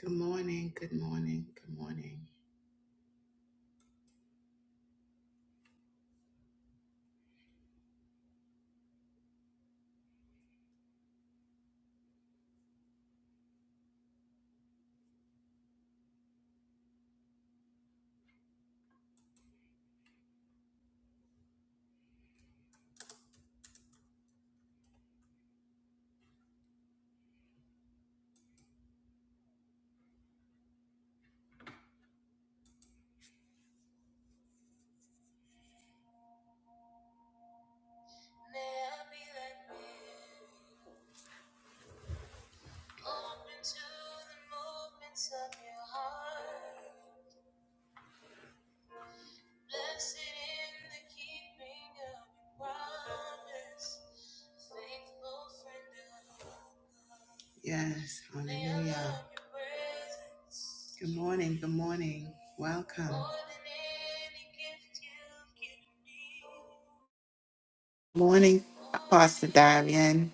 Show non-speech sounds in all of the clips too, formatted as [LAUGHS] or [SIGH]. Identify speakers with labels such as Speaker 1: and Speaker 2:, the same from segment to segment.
Speaker 1: Good morning, good morning, good morning. Yes, hallelujah. Good morning, good morning. Welcome. Morning, Pastor Darian.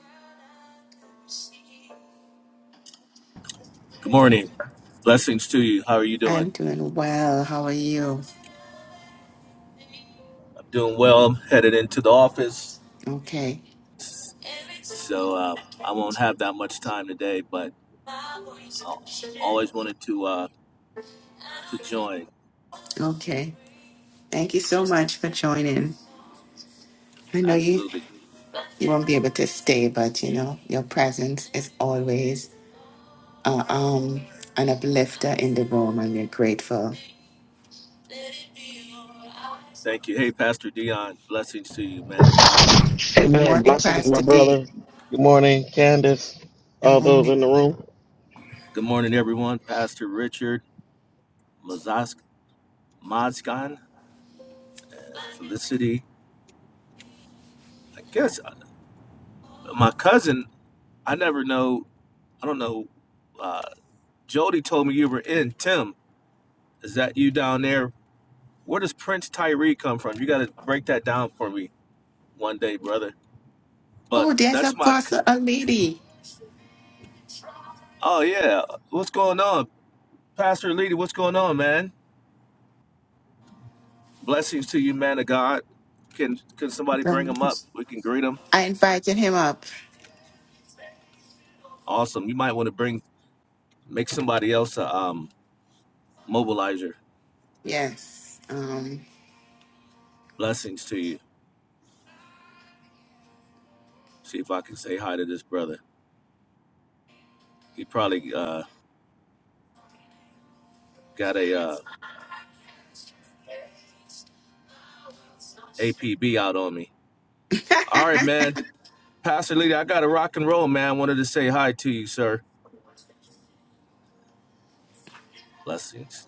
Speaker 2: Good morning. Blessings to you. How are you doing?
Speaker 1: I'm doing well. How are you?
Speaker 2: I'm doing well. I'm headed into the office,
Speaker 1: Okay,
Speaker 2: so uh, I won't have that much time today. But I always wanted to uh, to join.
Speaker 1: okay. Thank you so much for joining. I know you
Speaker 2: Absolutely.
Speaker 1: you won't be able to stay, but you know your presence is always uh, um an uplifter in the room, and we're grateful.
Speaker 2: Thank you. Hey, Pastor Dion. Blessings to you, man of God.
Speaker 1: Good
Speaker 3: Amen.
Speaker 1: morning,
Speaker 3: Blessings,
Speaker 1: Pastor
Speaker 3: my
Speaker 1: D.
Speaker 3: brother. Good morning, Candace.
Speaker 1: Good
Speaker 3: All those
Speaker 1: morning.
Speaker 3: in the room.
Speaker 2: Good morning, everyone. Pastor Richard Mazask Mazgan, Felicity. I guess uh, my cousin. I never know. I don't know. Uh, Jody told me you were in. Tim, is that you down there Where does Prince Tyree come from? You got to break that down for me one day, brother. But
Speaker 1: Oh, there's
Speaker 2: that's my. c-
Speaker 1: Apostle Alidi.
Speaker 2: Oh yeah, what's going on, Pastor Leader? What's going on, man? Blessings to you, man of God. Can can somebody bring him up? We can greet him.
Speaker 1: I invited him up.
Speaker 2: Awesome. You might want to bring make somebody else a um, mobilizer.
Speaker 1: Yes. Um,
Speaker 2: Blessings to you. See if I can say hi to this brother. He probably uh, got a uh, APB out on me.
Speaker 1: [LAUGHS]
Speaker 2: All right, man. Pastor Leader, I got to rock and roll, man. Wanted to say hi to you, sir. Blessings.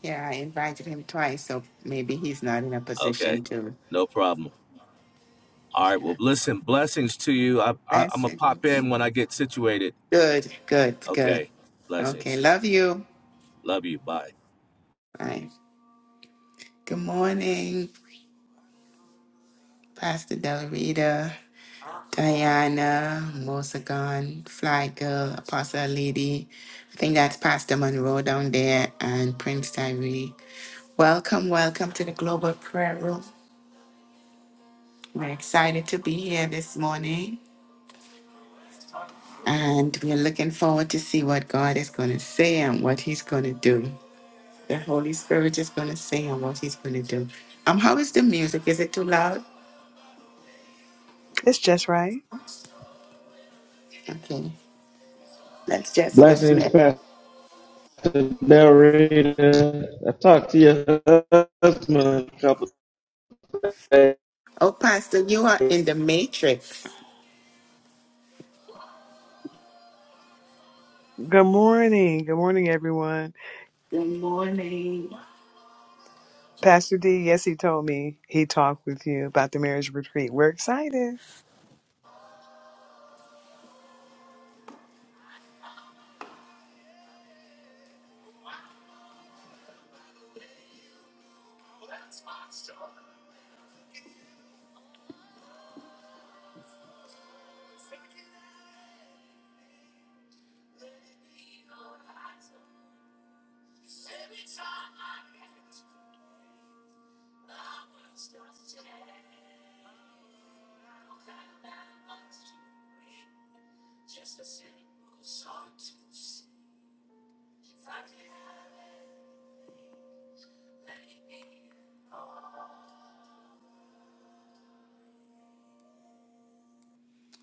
Speaker 1: yeah, I invited him twice, so maybe he's not in a
Speaker 2: Okay,
Speaker 1: position to.
Speaker 2: no problem. All right. Well, listen. Blessings to you. I, I I'm gonna pop
Speaker 1: Blessings.
Speaker 2: in when I get situated.
Speaker 1: Good, good, good.
Speaker 2: Okay.
Speaker 1: Okay,
Speaker 2: Blessings.
Speaker 1: love you.
Speaker 2: Love you. Bye.
Speaker 1: Bye. Good morning, Pastor Del Rita. Diana, Mosagon, Fly Girl, Apostle Lady. I think that's Pastor Monroe down there and Prince Tyree. Welcome, welcome to the Global Prayer Room. We're excited to be here this morning and we're looking forward to see what God is going to say and what he's going to do. The Holy Spirit is going to say and what he's going to do. Um, how is the music? Is it too loud?
Speaker 4: It's just right.
Speaker 1: Okay, let's just
Speaker 3: Blessings,
Speaker 1: listen.
Speaker 3: Pastor Del Rita. I talked to your husband a couple of
Speaker 1: Oh, Pastor, you are
Speaker 3: days.
Speaker 1: in the matrix.
Speaker 4: Good morning. Good morning, everyone.
Speaker 1: Good morning.
Speaker 4: Pastor D, yes, he told me he talked with you about the marriage retreat. We're excited.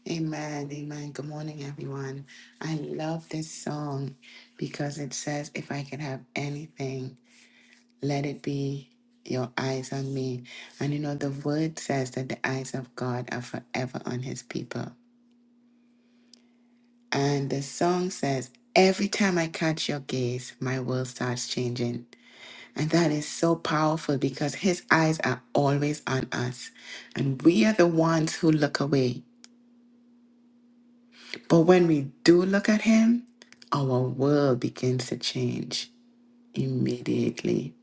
Speaker 1: Amen, amen. Good morning, everyone. I love this song because it says, If I could have anything, let it be your eyes on me. And you know, the word says that the eyes of God are forever on his people. And the song says, Every time I catch your gaze, my world starts changing. And that is so powerful because his eyes are always on us. And we are the ones who look away. But when we do look at Him, our world begins to change immediately.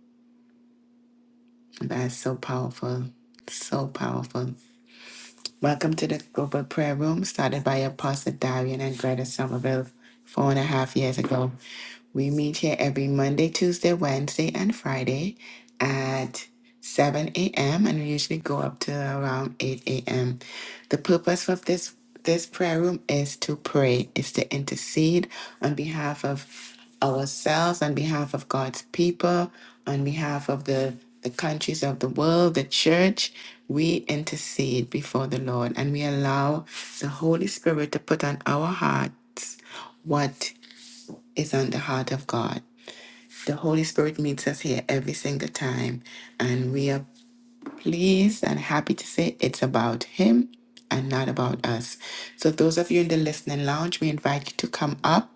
Speaker 1: That's so powerful. So powerful. Welcome to the Global Prayer Room, started by Apostle Darian and Greta Somerville four and a half years ago. We meet here every Monday, Tuesday, Wednesday, and Friday at 7 a.m. and we usually go up to around 8 a.m. The purpose of this this prayer room is to pray, is to intercede on behalf of ourselves, on behalf of God's people, on behalf of the the countries of the world, the church. We intercede before the Lord and we allow the Holy Spirit to put on our hearts what is on the heart of God. The Holy Spirit meets us here every single time, and we are pleased and happy to say it's about him and not about us. So, those of you in the listening lounge, we invite you to come up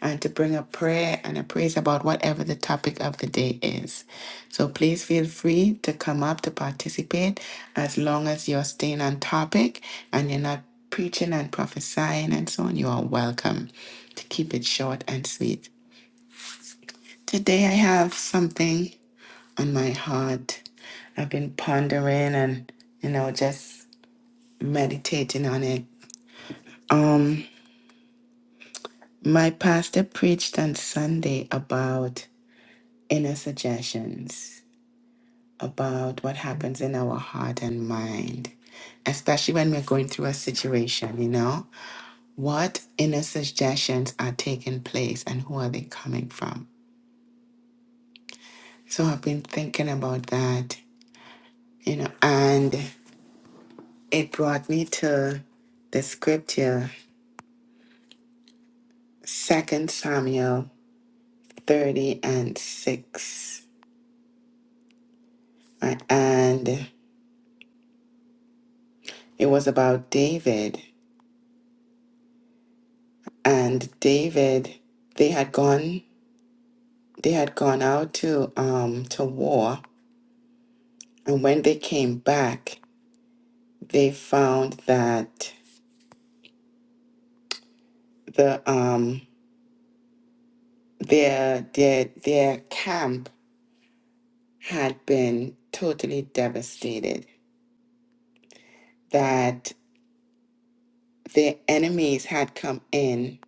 Speaker 1: and to bring a prayer and a praise about whatever the topic of the day is. So, please feel free to come up to participate as long as you're staying on topic and you're not preaching and prophesying and so on. You are welcome to keep it short and sweet. Today, I have something on my heart. I've been pondering and you know just meditating on it. Um my pastor preached on Sunday about inner suggestions, about what happens in our heart and mind, especially when we're going through a situation, you know? What inner suggestions are taking place and who are they coming from? So I've been thinking about that, you know, and it brought me to the scripture Second Samuel 30 and 6. Uh, And it was about David. And David, they had gone they had gone out to um to war. And when they came back, they found that the um their their their camp had been totally devastated. That their enemies had come in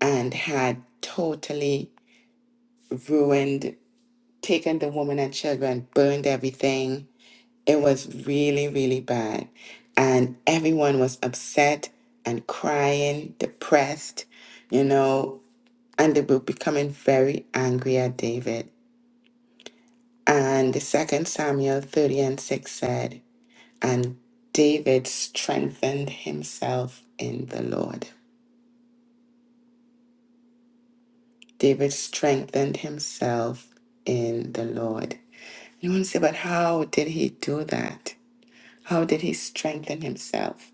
Speaker 1: and had totally ruined, taken the woman and children, burned everything. It was really, really bad. And everyone was upset and crying, depressed, you know, and they were becoming very angry at David. And the second Samuel 30 and 6 said, And David strengthened himself in the Lord. David strengthened himself in the Lord. You want to say, but how did he do that? How did he strengthen himself?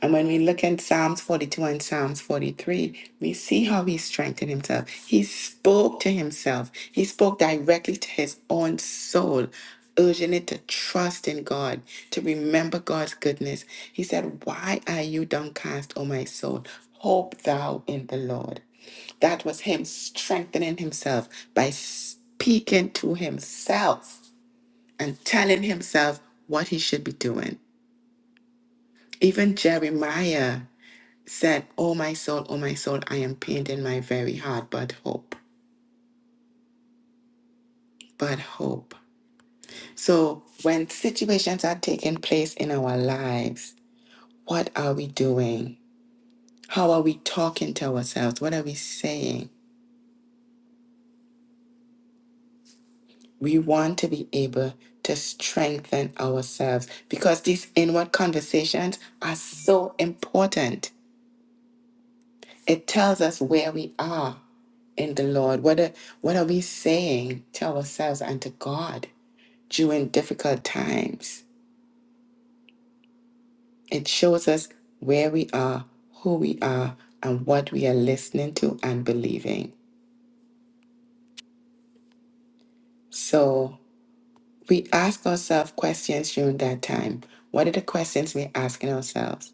Speaker 1: And when we look in Psalms 42 and Psalms 43, we see how he strengthened himself. He spoke to himself, he spoke directly to his own soul, urging it to trust in God, to remember God's goodness. He said, Why are you downcast, O my soul? Hope thou in the Lord. That was him strengthening himself by speaking to himself and telling himself what he should be doing. Even Jeremiah said, Oh, my soul, oh, my soul, I am pained in my very heart, but hope, but hope. So, when situations are taking place in our lives, what are we doing? How are we talking to ourselves? What are we saying? We want to be able to strengthen ourselves because these inward conversations are so important It tells us where we are in the Lord. What are, what are we saying to ourselves and to God during difficult times? It shows us where we are, who we are, and what we are listening to and believing. So we ask ourselves questions during that time. What are the questions we're asking ourselves?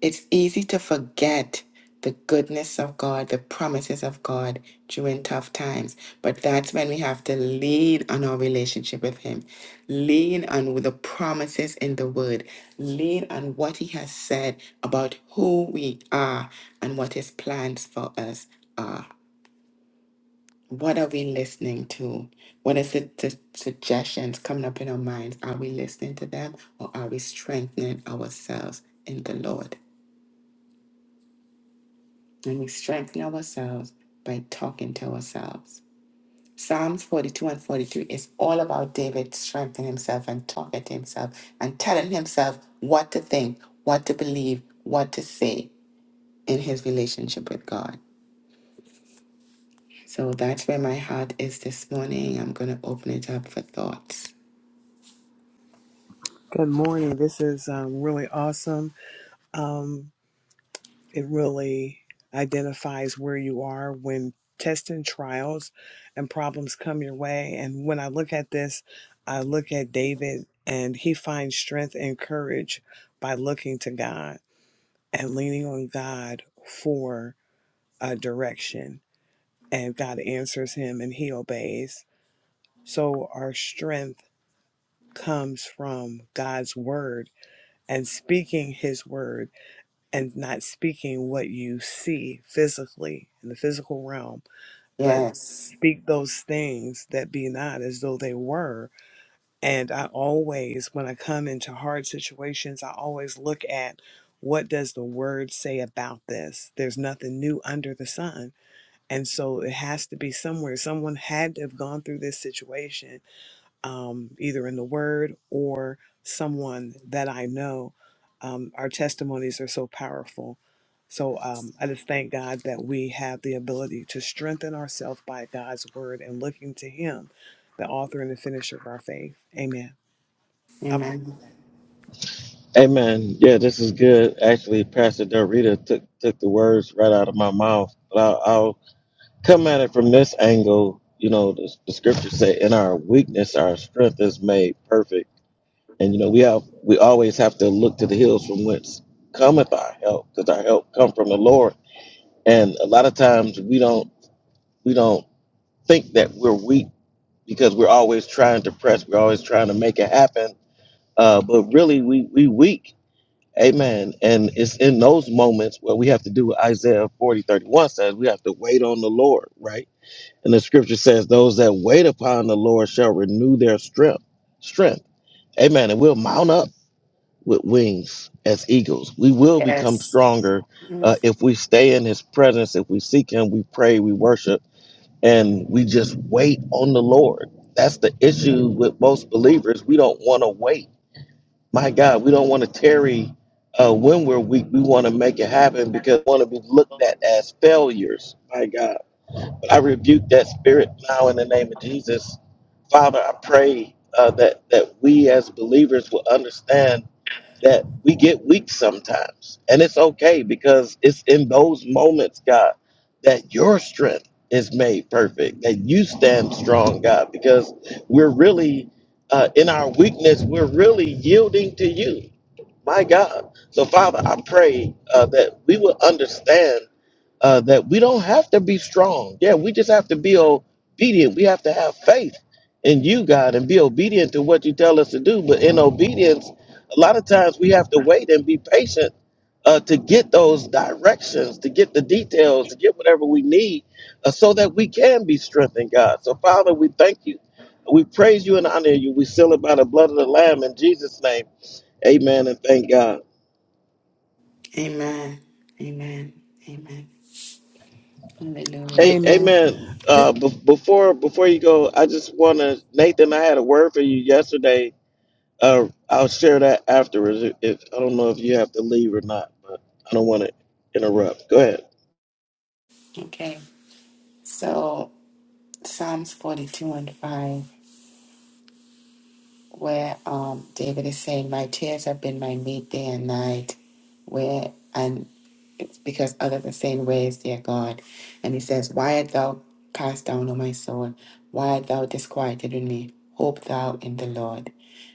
Speaker 1: It's easy to forget the goodness of God, the promises of God during tough times. But that's when we have to lean on our relationship with Him, lean on the promises in the Word, lean on what He has said about who we are and what His plans for us are. What are we listening to? What is the, the suggestions coming up in our minds? Are we listening to them or are we strengthening ourselves in the Lord? and we strengthen ourselves by talking to ourselves. Psalms 42 and 43 is all about David strengthening himself and talking to himself and telling himself what to think, what to believe, what to say in his relationship with God. So that's where my heart is this morning. I'm going to open it up for thoughts.
Speaker 4: Good morning. This is um, really awesome. Um, it really identifies where you are when tests and trials and problems come your way. And when I look at this, I look at David and he finds strength and courage by looking to God and leaning on God for uh, direction and God answers him and he obeys. So our strength comes from God's word and speaking his word and not speaking what you see physically in the physical realm, but
Speaker 1: Yes.
Speaker 4: speak those things that be not as though they were. And I always, when I come into hard situations, I always look at what does the word say about this? There's nothing new under the sun And so it has to be somewhere. Someone had to have gone through this situation, um, either in the word or someone that I know. Um, our testimonies are so powerful. So um, I just thank God that we have the ability to strengthen ourselves by God's word and looking to Him, the author and the finisher of our faith. Amen. I pray.
Speaker 1: Amen.
Speaker 3: Amen. Yeah, this is good. Actually, Pastor Del Rita took took the words right out of my mouth. But I'll, I'll come at it from this angle. You know, the, the scriptures say, "In our weakness, our strength is made perfect." And you know, we have we always have to look to the hills from whence cometh our help, because our help come from the Lord. And a lot of times we don't we don't think that we're weak because we're always trying to press, we're always trying to make it happen. Uh, but really, we we weak. Amen. And it's in those moments where we have to do what Isaiah 40 31 says, we have to wait on the Lord, right? And the scripture says, those that wait upon the Lord shall renew their strength. Strength. Amen. And we'll mount up with wings as eagles. We will become
Speaker 1: Yes.
Speaker 3: stronger
Speaker 1: Mhm.
Speaker 3: uh, if we stay in His presence, if we seek Him, we pray, we worship, and we just wait on the Lord. That's the issue with most believers. We don't want to wait. My God, we don't want to tarry uh, when we're weak. We want to make it happen because we want to be looked at as failures. My God. But I rebuke that spirit now in the name of Jesus. Father, I pray uh, that, that we as believers will understand that we get weak sometimes. And it's okay because it's in those moments, God, that your strength is made perfect, that you stand strong, God, because we're really, uh, in our weakness, we're really yielding to you. My God. So, Father, I pray uh, that we will understand uh, that we don't have to be strong. Yeah, we just have to be obedient. We have to have faith in you, God, and be obedient to what you tell us to do. But in obedience, a lot of times we have to wait and be patient uh, to get those directions, to get the details, to get whatever we need uh, so that we can be strengthened, God. So, Father, we thank you. We praise you and honor you. We seal it by the blood of the Lamb in Jesus' name. Amen and thank God.
Speaker 1: Amen. Amen. Amen. Hallelujah.
Speaker 3: Hey, amen. Uh, b- before before you go, I just want to Nathan. I had a word for you yesterday. Uh, I'll share that afterwards. If, if I don't know if you have to leave or not, but I don't want to interrupt. Go ahead.
Speaker 1: Okay. So Psalms 42 and 5, where um, David is saying, My tears have been my meat day and night, where and because others are saying, Where is their God? And he says, Why art thou cast down, O my soul? Why art thou disquieted in me? Hope thou in the Lord.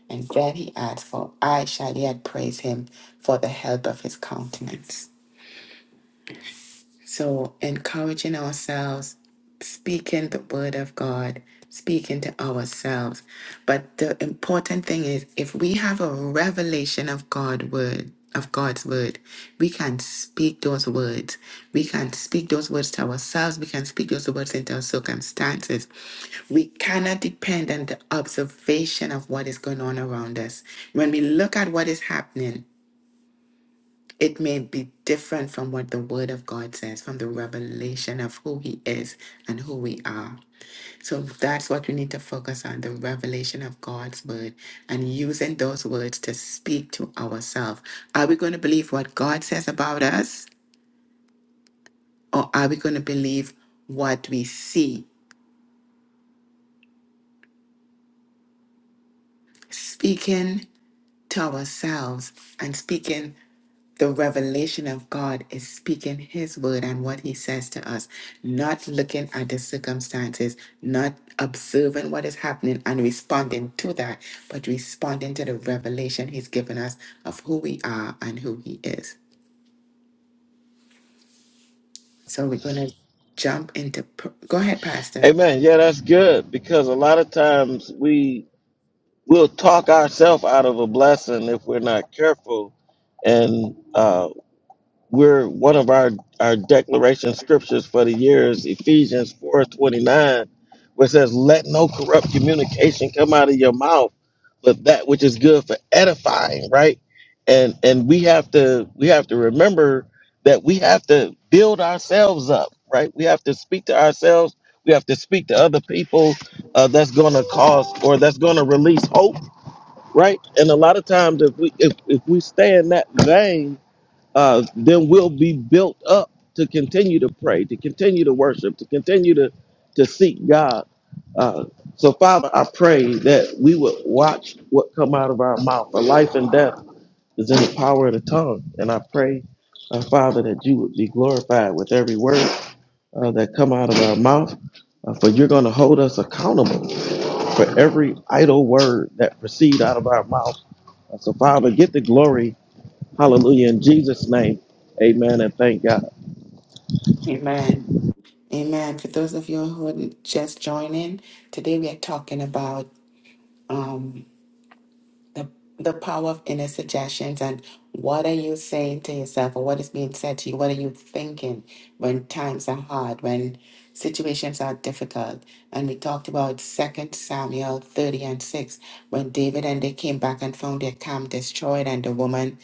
Speaker 1: And then he adds, For I shall yet praise him for the help of his countenance. So, encouraging ourselves, speaking the word of God, speaking to ourselves. But the important thing is if we have a revelation of God word, of God's word, we can speak those words. We can speak those words to ourselves. We can speak those words into our circumstances. We cannot depend on the observation of what is going on around us. When we look at what is happening, it may be different from what the Word of God says, from the revelation of who He is and who we are. So that's what we need to focus on the revelation of God's Word and using those words to speak to ourselves. Are we going to believe what God says about us, or are we going to believe what we see? Speaking to ourselves and speaking the revelation of God is speaking His word and what He says to us, not looking at the circumstances, not observing what is happening and responding to that, but responding to the revelation He's given us of who we are and who He is. So we're going to jump into. pr- Go ahead, Pastor.
Speaker 3: Amen. Yeah, that's good because a lot of times we will talk ourselves out of a blessing if we're not careful, and we're one of our our declaration scriptures for the year is Ephesians four twenty nine, where it says, "Let no corrupt communication come out of your mouth, but that which is good for edifying." Right, and and we have to we have to remember that we have to build ourselves up. Right, we have to speak to ourselves. We have to speak to other people uh, that's going to cause or that's going to release hope. Right, and a lot of times if we if, if we stay in that vein uh, then we'll be built up to continue to pray, to continue to worship, to continue to, to seek God. Uh, so, Father, I pray that we would watch what come out of our mouth. For life and death is in the power of the tongue, and I pray, uh, Father, that you would be glorified with every word uh, that come out of our mouth. Uh, for you're going to hold us accountable for every idle word that proceed out of our mouth. Uh, So, Father, get the glory Hallelujah. In Jesus' name. Amen. And thank God.
Speaker 1: Amen. Amen. For those of you who are just joining, today we are talking about. um, the the power of inner suggestions and what are you saying to yourself or what is being said to you what are you thinking when times are hard when situations are difficult and we talked about second samuel 30 and 6 when david and they came back and found their camp destroyed and the woman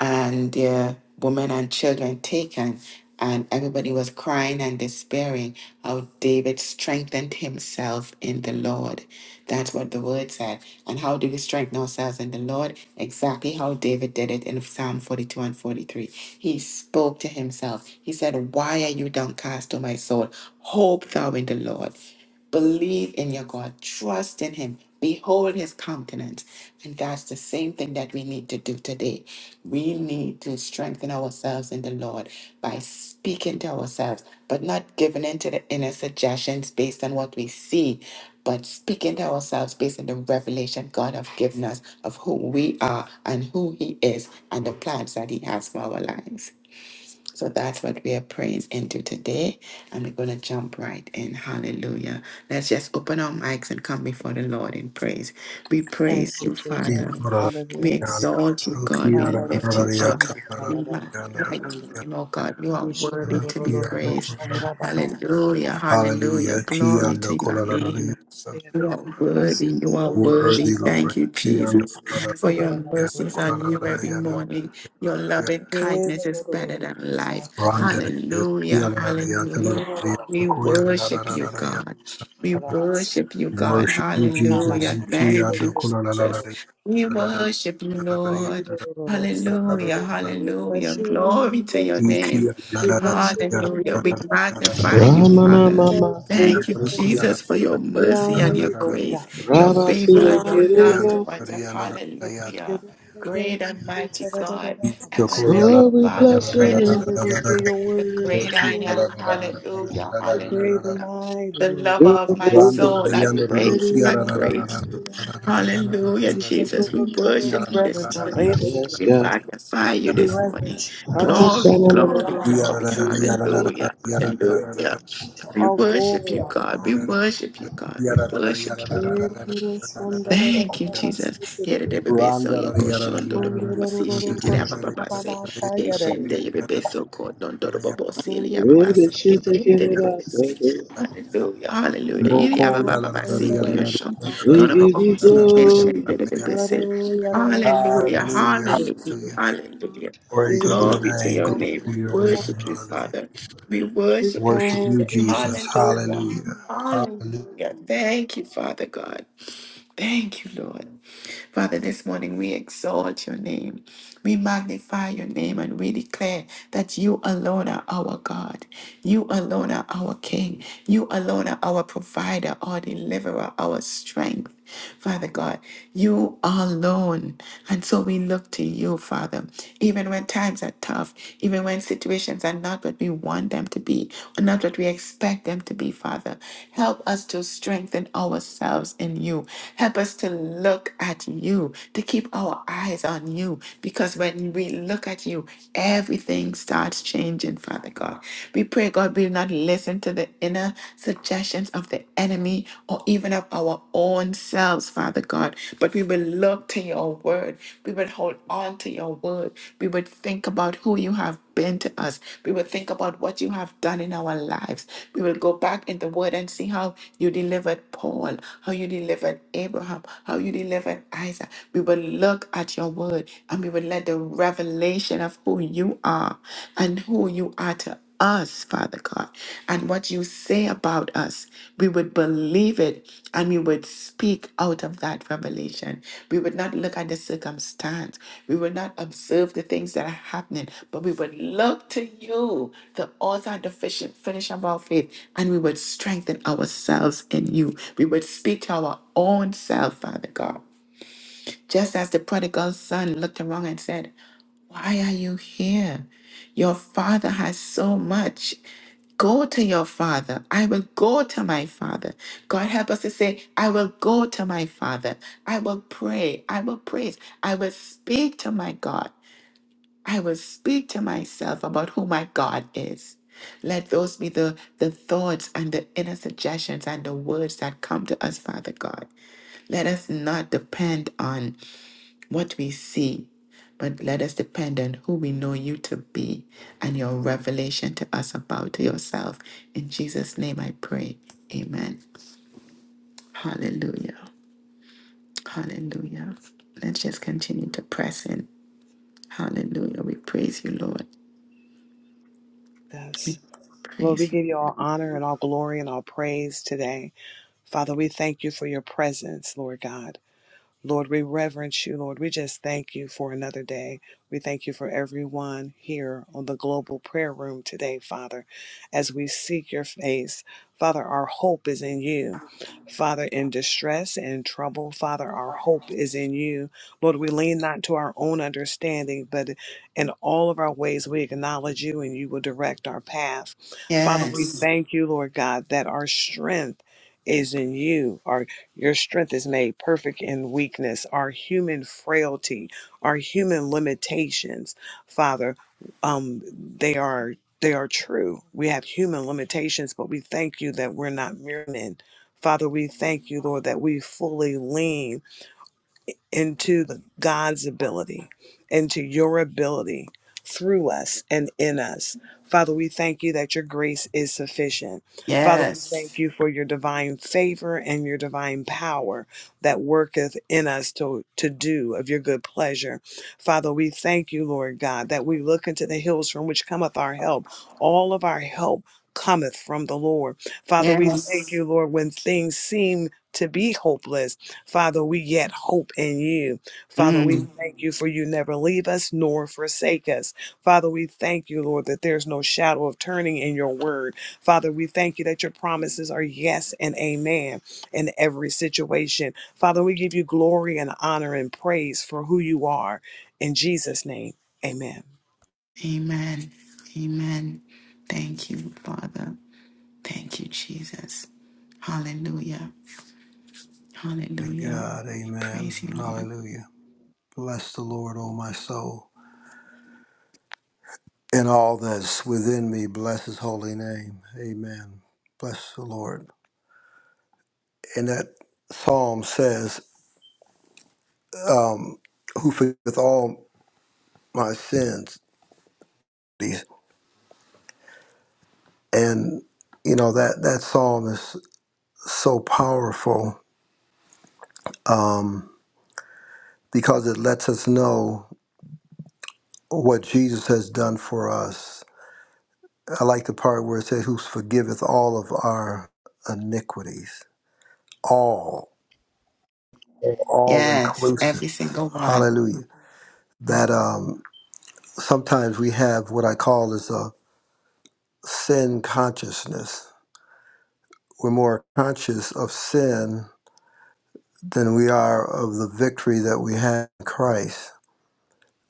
Speaker 1: and their women and children taken. And everybody was crying and despairing how David strengthened himself in the Lord. That's what the word said. And how do we strengthen ourselves in the Lord? Exactly how David did it in Psalm 42 and 43. He spoke to himself. He said, Why are you downcast, O my soul? Hope thou in the Lord. Believe in your God. Trust in Him. Behold His countenance. And that's the same thing that we need to do today. We need to strengthen ourselves in the Lord by speaking to ourselves, but not giving in to the inner suggestions based on what we see, but speaking to ourselves based on the revelation God has given us of who we are and who He is and the plans that He has for our lives. So that's what we are praying into today. And we're going to jump right in. Hallelujah. Let's just open our mics and come before the Lord in praise. We
Speaker 4: Thank
Speaker 1: praise
Speaker 4: you,
Speaker 1: you,
Speaker 4: Jesus.
Speaker 1: Father. We
Speaker 4: Hallelujah.
Speaker 1: exalt you,
Speaker 5: Hallelujah.
Speaker 1: God. We lift
Speaker 4: Hallelujah.
Speaker 1: you up.
Speaker 4: Shanda, da, da,
Speaker 1: We
Speaker 4: da, da, da.
Speaker 1: magnify
Speaker 4: Shanda.
Speaker 1: your name, oh God. You are worthy to be
Speaker 4: Ishorororororo,
Speaker 1: praised.
Speaker 4: shanda, ba, ba.
Speaker 1: Hallelujah. Hallelujah. Glory
Speaker 5: Kiando
Speaker 1: to your
Speaker 5: kolalalalia.
Speaker 1: name.
Speaker 4: We bless you, Lord. We
Speaker 1: You are worthy. You are worthy.
Speaker 5: Worthy
Speaker 1: Thank
Speaker 5: Lord.
Speaker 1: you,
Speaker 5: Kiando
Speaker 1: Jesus, for your
Speaker 5: kolalalalia.
Speaker 1: mercies are new every
Speaker 5: Kolalalalia.
Speaker 1: morning. Your loving kindness is better than life.
Speaker 5: Randa.
Speaker 1: Hallelujah.
Speaker 5: Kialalalia.
Speaker 1: Hallelujah.
Speaker 5: Talalalia.
Speaker 1: We worship you,
Speaker 5: Koyalalalia.
Speaker 1: God. We worship you, God.
Speaker 5: Worship you,
Speaker 1: Hallelujah.
Speaker 5: Jesus.
Speaker 1: Thank you,
Speaker 5: Kiando
Speaker 1: Jesus.
Speaker 5: kolalalalia.
Speaker 1: We worship you, Lord. Hallelujah.
Speaker 4: bless
Speaker 1: Hallelujah.
Speaker 4: you. We bless you, Lord.
Speaker 1: Glory to your
Speaker 4: We
Speaker 1: name.
Speaker 5: Yala
Speaker 4: bless you.
Speaker 1: Hallelujah. We magnify you,
Speaker 4: We give you
Speaker 3: Ramana
Speaker 1: Father.
Speaker 4: praise.
Speaker 3: mama
Speaker 4: We give
Speaker 1: Thank you,
Speaker 4: you praise.
Speaker 3: sitiki,
Speaker 1: Jesus, for your
Speaker 4: We
Speaker 1: mercy
Speaker 4: honor
Speaker 1: and your
Speaker 4: you, Lord
Speaker 1: grace,
Speaker 4: God.
Speaker 1: your
Speaker 3: Rabba
Speaker 1: favor
Speaker 4: We
Speaker 1: and your
Speaker 4: honor
Speaker 1: love
Speaker 4: you,
Speaker 3: sitikiribasa.
Speaker 1: towards us. Hallelujah. Great and mighty God ever
Speaker 4: Lord.
Speaker 1: living
Speaker 3: Lord, we
Speaker 1: Father,
Speaker 3: bless your
Speaker 1: Prince,
Speaker 3: name.
Speaker 4: Hallelujah, you're
Speaker 1: the
Speaker 4: worthy, you're
Speaker 1: great I am.
Speaker 4: worthy.
Speaker 1: Hallelujah,
Speaker 4: You're great and
Speaker 1: hallelujah.
Speaker 4: mighty,
Speaker 1: The
Speaker 4: Lord.
Speaker 1: lover
Speaker 3: Your-
Speaker 1: of my soul, I praise you, I
Speaker 4: Hallelujah,
Speaker 1: praise you.
Speaker 4: hallelujah.
Speaker 1: Hallelujah,
Speaker 4: Seek your
Speaker 1: Jesus.
Speaker 4: throne,
Speaker 1: We
Speaker 4: we
Speaker 1: worship you this
Speaker 4: reverence you.
Speaker 1: morning.
Speaker 4: We
Speaker 3: Yes,
Speaker 1: We
Speaker 3: God.
Speaker 1: magnify you this morning.
Speaker 4: reverence you.
Speaker 3: Rabbi
Speaker 4: Hush.
Speaker 1: Glory,
Speaker 4: Hallelujah,
Speaker 1: glory,
Speaker 4: Mama, my
Speaker 1: glory.
Speaker 4: second.
Speaker 1: Hallelujah, hallelujah. We
Speaker 4: All
Speaker 1: worship
Speaker 4: glory,
Speaker 1: you,
Speaker 4: all
Speaker 1: God. We
Speaker 4: power.
Speaker 5: Hallelujah,
Speaker 1: worship you, God. We worship you, Lord. Thank you, Jesus. Yere de bebe So yoko shondo do bobosi shifted abababase. Keshende yebebeso kodondo do bobosi ili ababasi. Keshende yebebese.
Speaker 3: shitikiribasa.
Speaker 1: Hallelujah, hallelujah. Ili abababasi go yoshon.
Speaker 4: Oh,
Speaker 3: We
Speaker 1: Dodo
Speaker 3: give you
Speaker 1: bobosi
Speaker 3: glory.
Speaker 1: keshende yebebese.
Speaker 4: Hallelujah.
Speaker 1: Hallelujah,
Speaker 4: Hallelujah.
Speaker 5: hallelujah.
Speaker 1: hallelujah, hallelujah.
Speaker 5: Glory to your
Speaker 1: Glory to
Speaker 5: name,
Speaker 1: your
Speaker 5: glory
Speaker 1: name.
Speaker 5: to your
Speaker 1: We worship
Speaker 5: name,
Speaker 1: you,
Speaker 5: hallelujah.
Speaker 1: Father. We
Speaker 4: We
Speaker 1: worship you,
Speaker 5: Worship
Speaker 4: thank
Speaker 5: you,
Speaker 1: Jesus.
Speaker 4: you,
Speaker 5: Jesus,
Speaker 1: Hallelujah.
Speaker 5: hallelujah. Hallelujah,
Speaker 1: Hallelujah. Thank you, Father God. Thank you, Lord. Father, this morning we exalt your name. We magnify your name and we declare that you alone are our God. You alone are our King. You alone are our provider, our deliverer, our strength. Father God, you alone. And so we look to you, Father, even when times are tough, even when situations are not what we want them to be, or not what we expect them to be, Father. Help us to strengthen ourselves in you. Help us to look at at you, to keep our eyes on you, because when we look at you, everything starts changing, Father God. We pray, God, we will not listen to the inner suggestions of the enemy or even of our own selves, Father God, but we will look to your word. We will hold on to your word. We would think about who you have been to us. We will think about what you have done in our lives. We will go back in the word and see how you delivered Paul, how you delivered Abraham, how you delivered prophet Isaac. We will look at your word and we will let the revelation of who you are and who you are to us, Father God, and what you say about us. We would believe it and we would speak out of that revelation. We would not look at the circumstance. We would not observe the things that are happening, but we would look to you, the author and the finisher finisher of our faith, and we would strengthen ourselves in you. We would speak to our own self, Father God. Just as the prodigal son looked around and said, Why are you here? Your father has so much. Go to your father. I will go to my father. God help us to say, I will go to my father. I will pray. I will praise. I will speak to my God. I will speak to myself about who my God is. Let those be the, the thoughts and the inner suggestions and the words that come to us, Father God. Let us not depend on what we see, but let us depend on who we know you to be and your revelation to us about yourself. In Jesus' name I pray. Amen. Hallelujah. Hallelujah. Let's just continue to press in. Hallelujah. We praise you, Lord.
Speaker 4: Jesus. Lord, we
Speaker 1: Praise you.
Speaker 4: give you all honor and all glory and all praise today. Father, we thank you for your presence, Lord God. Lord, we reverence you, Lord. We just thank you for another day. We thank you for everyone here on the global prayer room today, Father, as we seek your face. Father, our hope is in you. Father, in distress and trouble, Father, our hope is in you. Lord, we lean not to our own understanding, but in all of our ways we acknowledge you and you will direct our path. Father, we
Speaker 1: Yes.
Speaker 4: thank you, Lord God, that our strength is in you. Your strength is made perfect in weakness, our human frailty, our human limitations, Father. Um, they are they are true. We have human limitations, but we thank you that we're not mere men. Father, we thank you, Lord, that we fully lean into the God's ability, into your ability through us and in us. Father, we thank you that your grace is sufficient. Father, we thank
Speaker 1: Yes.
Speaker 4: you for your divine favor and your divine power that worketh in us to, to do of your good pleasure. Father, we thank you, Lord God, that we look into the hills from which cometh our help. All of our help cometh from the Lord. Father, we thank
Speaker 1: Yes.
Speaker 4: you, Lord, when things seem to be hopeless Father, we yet hope in you. Father, we
Speaker 1: Mm.
Speaker 4: Mhm. thank you for you never leave us nor forsake us. Father, we thank you, Lord, that there's no shadow of turning in your word. Father, we thank you that your promises are yes and amen in every situation. Father, we give you glory and honor and praise for who you are. In Jesus' name, amen.
Speaker 1: Amen. Amen. Thank you, Father. Thank you, Jesus. Hallelujah.
Speaker 5: to
Speaker 1: Hallelujah.
Speaker 5: God,
Speaker 1: We
Speaker 5: amen,
Speaker 1: praise you, Lord.
Speaker 5: hallelujah. Bless the Lord, O my soul. and all that's within me bless his holy name. Amen. Bless the Lord. And that psalm says, um, who forgiveth all my sins. And, you know, that, that psalm is so powerful um, because it lets us know what Jesus has done for us. I like the part where it says, who forgiveth all of our iniquities. All, all
Speaker 1: Yes,
Speaker 5: inclusive.
Speaker 1: every single one.
Speaker 5: Hallelujah.
Speaker 1: Mm.
Speaker 5: that um, sometimes we have what I call is a sin consciousness. We're more conscious of sin than we are of the victory that we have in Christ.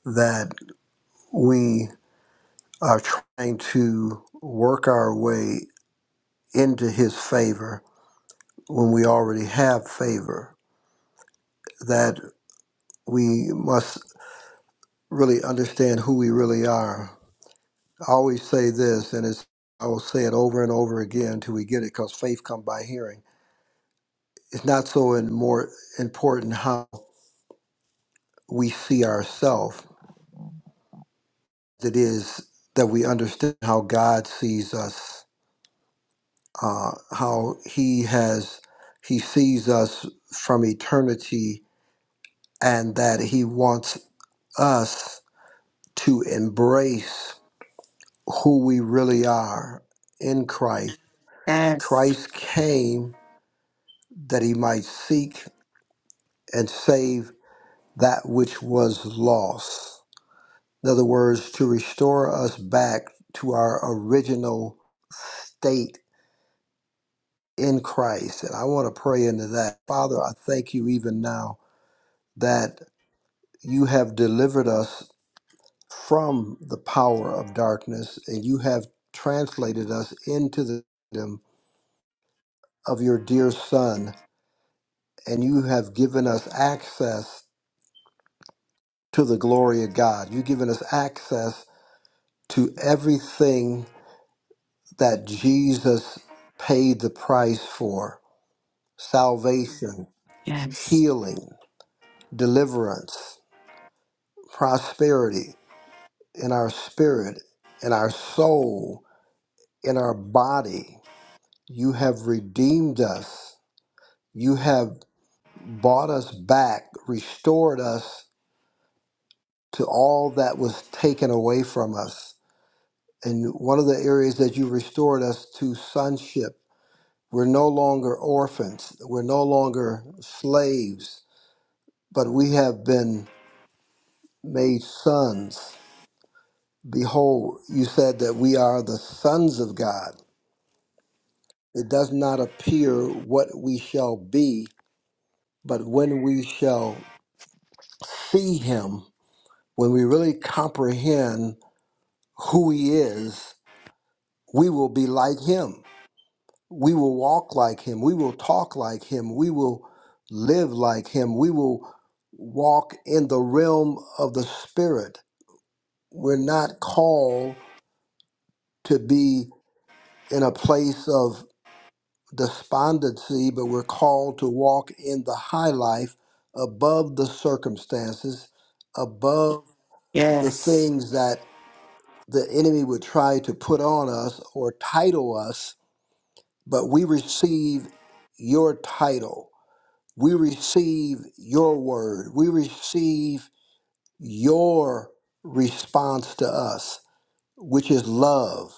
Speaker 5: That we are trying to work our way into His favor when we already have favor. That we must really understand who we really are. I always say this, and it's I will say it over and over again till we get it, because faith come by hearing it's not so in more important how we see ourselves it is that we understand how God sees us, uh, how He has He sees us from eternity, and that He wants us to embrace who we really are in Christ.
Speaker 1: Yes,
Speaker 5: Christ came that He might seek and save that which was lost. In other words, to restore us back to our original state in Christ. And I want to pray into that. Father, I thank you even now that you have delivered us from the power of darkness and you have translated us into the kingdom of your dear Son. And you have given us access to the glory of God. You've given us access to everything that Jesus paid the price for salvation,
Speaker 1: yes,
Speaker 5: healing, deliverance, prosperity in our spirit, in our soul, in our body. You have redeemed us. You have bought us back, restored us to all that was taken away from us. And one of the areas that you restored us to sonship. We're no longer orphans. We're no longer slaves, but we have been made sons Behold, you said that we are the sons of God. It does not appear what we shall be, but when we shall see him, when we really comprehend who he is, we will be like him. We will walk like him. We will talk like him. We will live like him. We will walk in the realm of the spirit. We're not called to be in a place of despondency, but we're called to walk in the high life above the circumstances, above the
Speaker 1: yes,
Speaker 5: things that the enemy would try to put on us or title us, but we receive your title. We receive your word. We receive your response to us, which is love.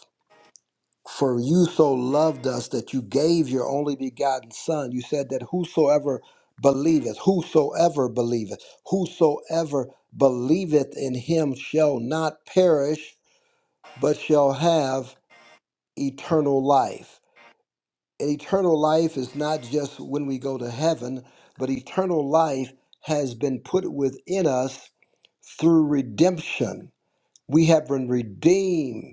Speaker 5: For you so loved us that you gave your only begotten Son. You said that whosoever believeth, whosoever believeth, whosoever believeth in him shall not perish, but shall have eternal life. And eternal life is not just when we go to heaven, but eternal life has been put within us through redemption. We have been redeemed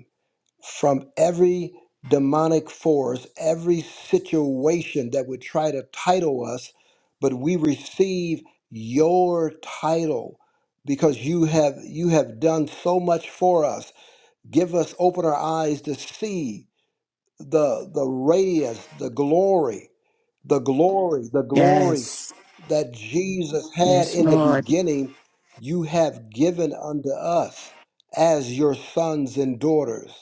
Speaker 5: from every demonic force, every situation that would try to title us, but we receive your title because you have you have done so much for us. Give us open our eyes to see the the radiance, the glory, the glory, the glory
Speaker 1: yes,
Speaker 5: that Jesus had
Speaker 1: yes,
Speaker 5: in the
Speaker 1: Lord.
Speaker 5: beginning, you have given unto us as your sons and daughters.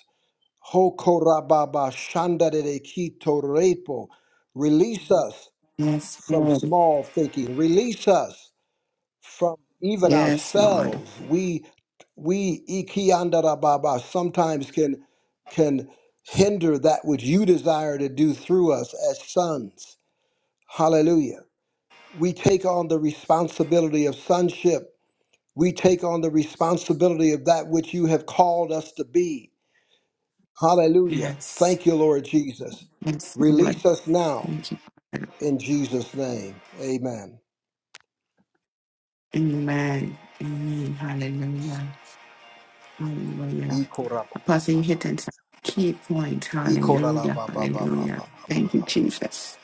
Speaker 5: Hokorababa shandadede kito repo. Release us
Speaker 1: Yes,
Speaker 5: from
Speaker 1: Lord.
Speaker 5: small thinking. Release us from even
Speaker 1: Yes, Lord.
Speaker 5: ourselves. We we ikiandarababa sometimes can can hinder that which you desire to do through us as sons. Hallelujah. We take on the responsibility of sonship. We take on the responsibility of that which you have called us to be. Hallelujah.
Speaker 1: Yes,
Speaker 5: Thank you, Lord Jesus.
Speaker 1: yes, Lord.
Speaker 5: Release us now
Speaker 1: Thank you, Father.
Speaker 5: in Jesus' name. Amen.
Speaker 1: Amen. Amen. Hallelujah. Hallelujah. Apostle, you
Speaker 5: Ikorabababa.
Speaker 1: hit on some key points. Hallelujah. Hallelujah. Thank you,
Speaker 5: Ikoralabababababababa.
Speaker 1: Jesus.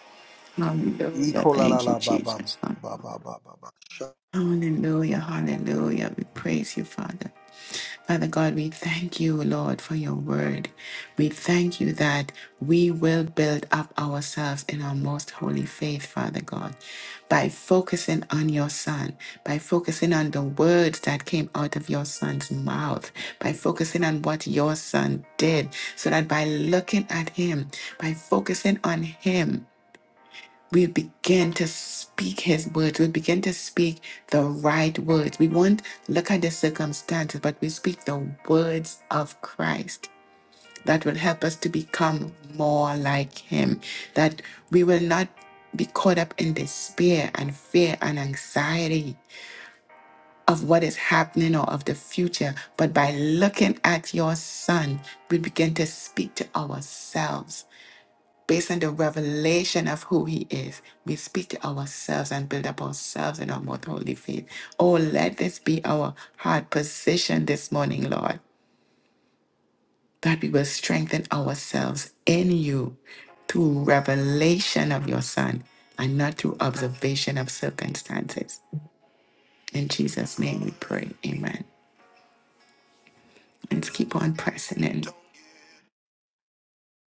Speaker 1: Hallelujah. Thank you, Jesus.
Speaker 5: Ikoralababababababa.
Speaker 1: Hallelujah, hallelujah. We praise you, Father. Father God, we thank you, Lord, for your word. We thank you that we will build up ourselves in our most holy faith, Father God, by focusing on your Son, by focusing on the words that came out of your Son's mouth, by focusing on what your Son did, so that by looking at Him, by focusing on Him, we would begin to speak his words. We would begin to speak the right words. We won't look at the circumstances, but we speak the words of Christ that will help us to become more like him. That we will not be caught up in despair and fear and anxiety of what is happening or of the future, but by looking at your son, we begin to speak to ourselves Based on the revelation of who He is, we speak to ourselves and build up ourselves in our most holy faith. Oh, let this be our heart position this morning, Lord, that we will strengthen ourselves in you through revelation of your Son and not through observation of circumstances. In Jesus' name we pray. Amen. Let's keep on pressing in.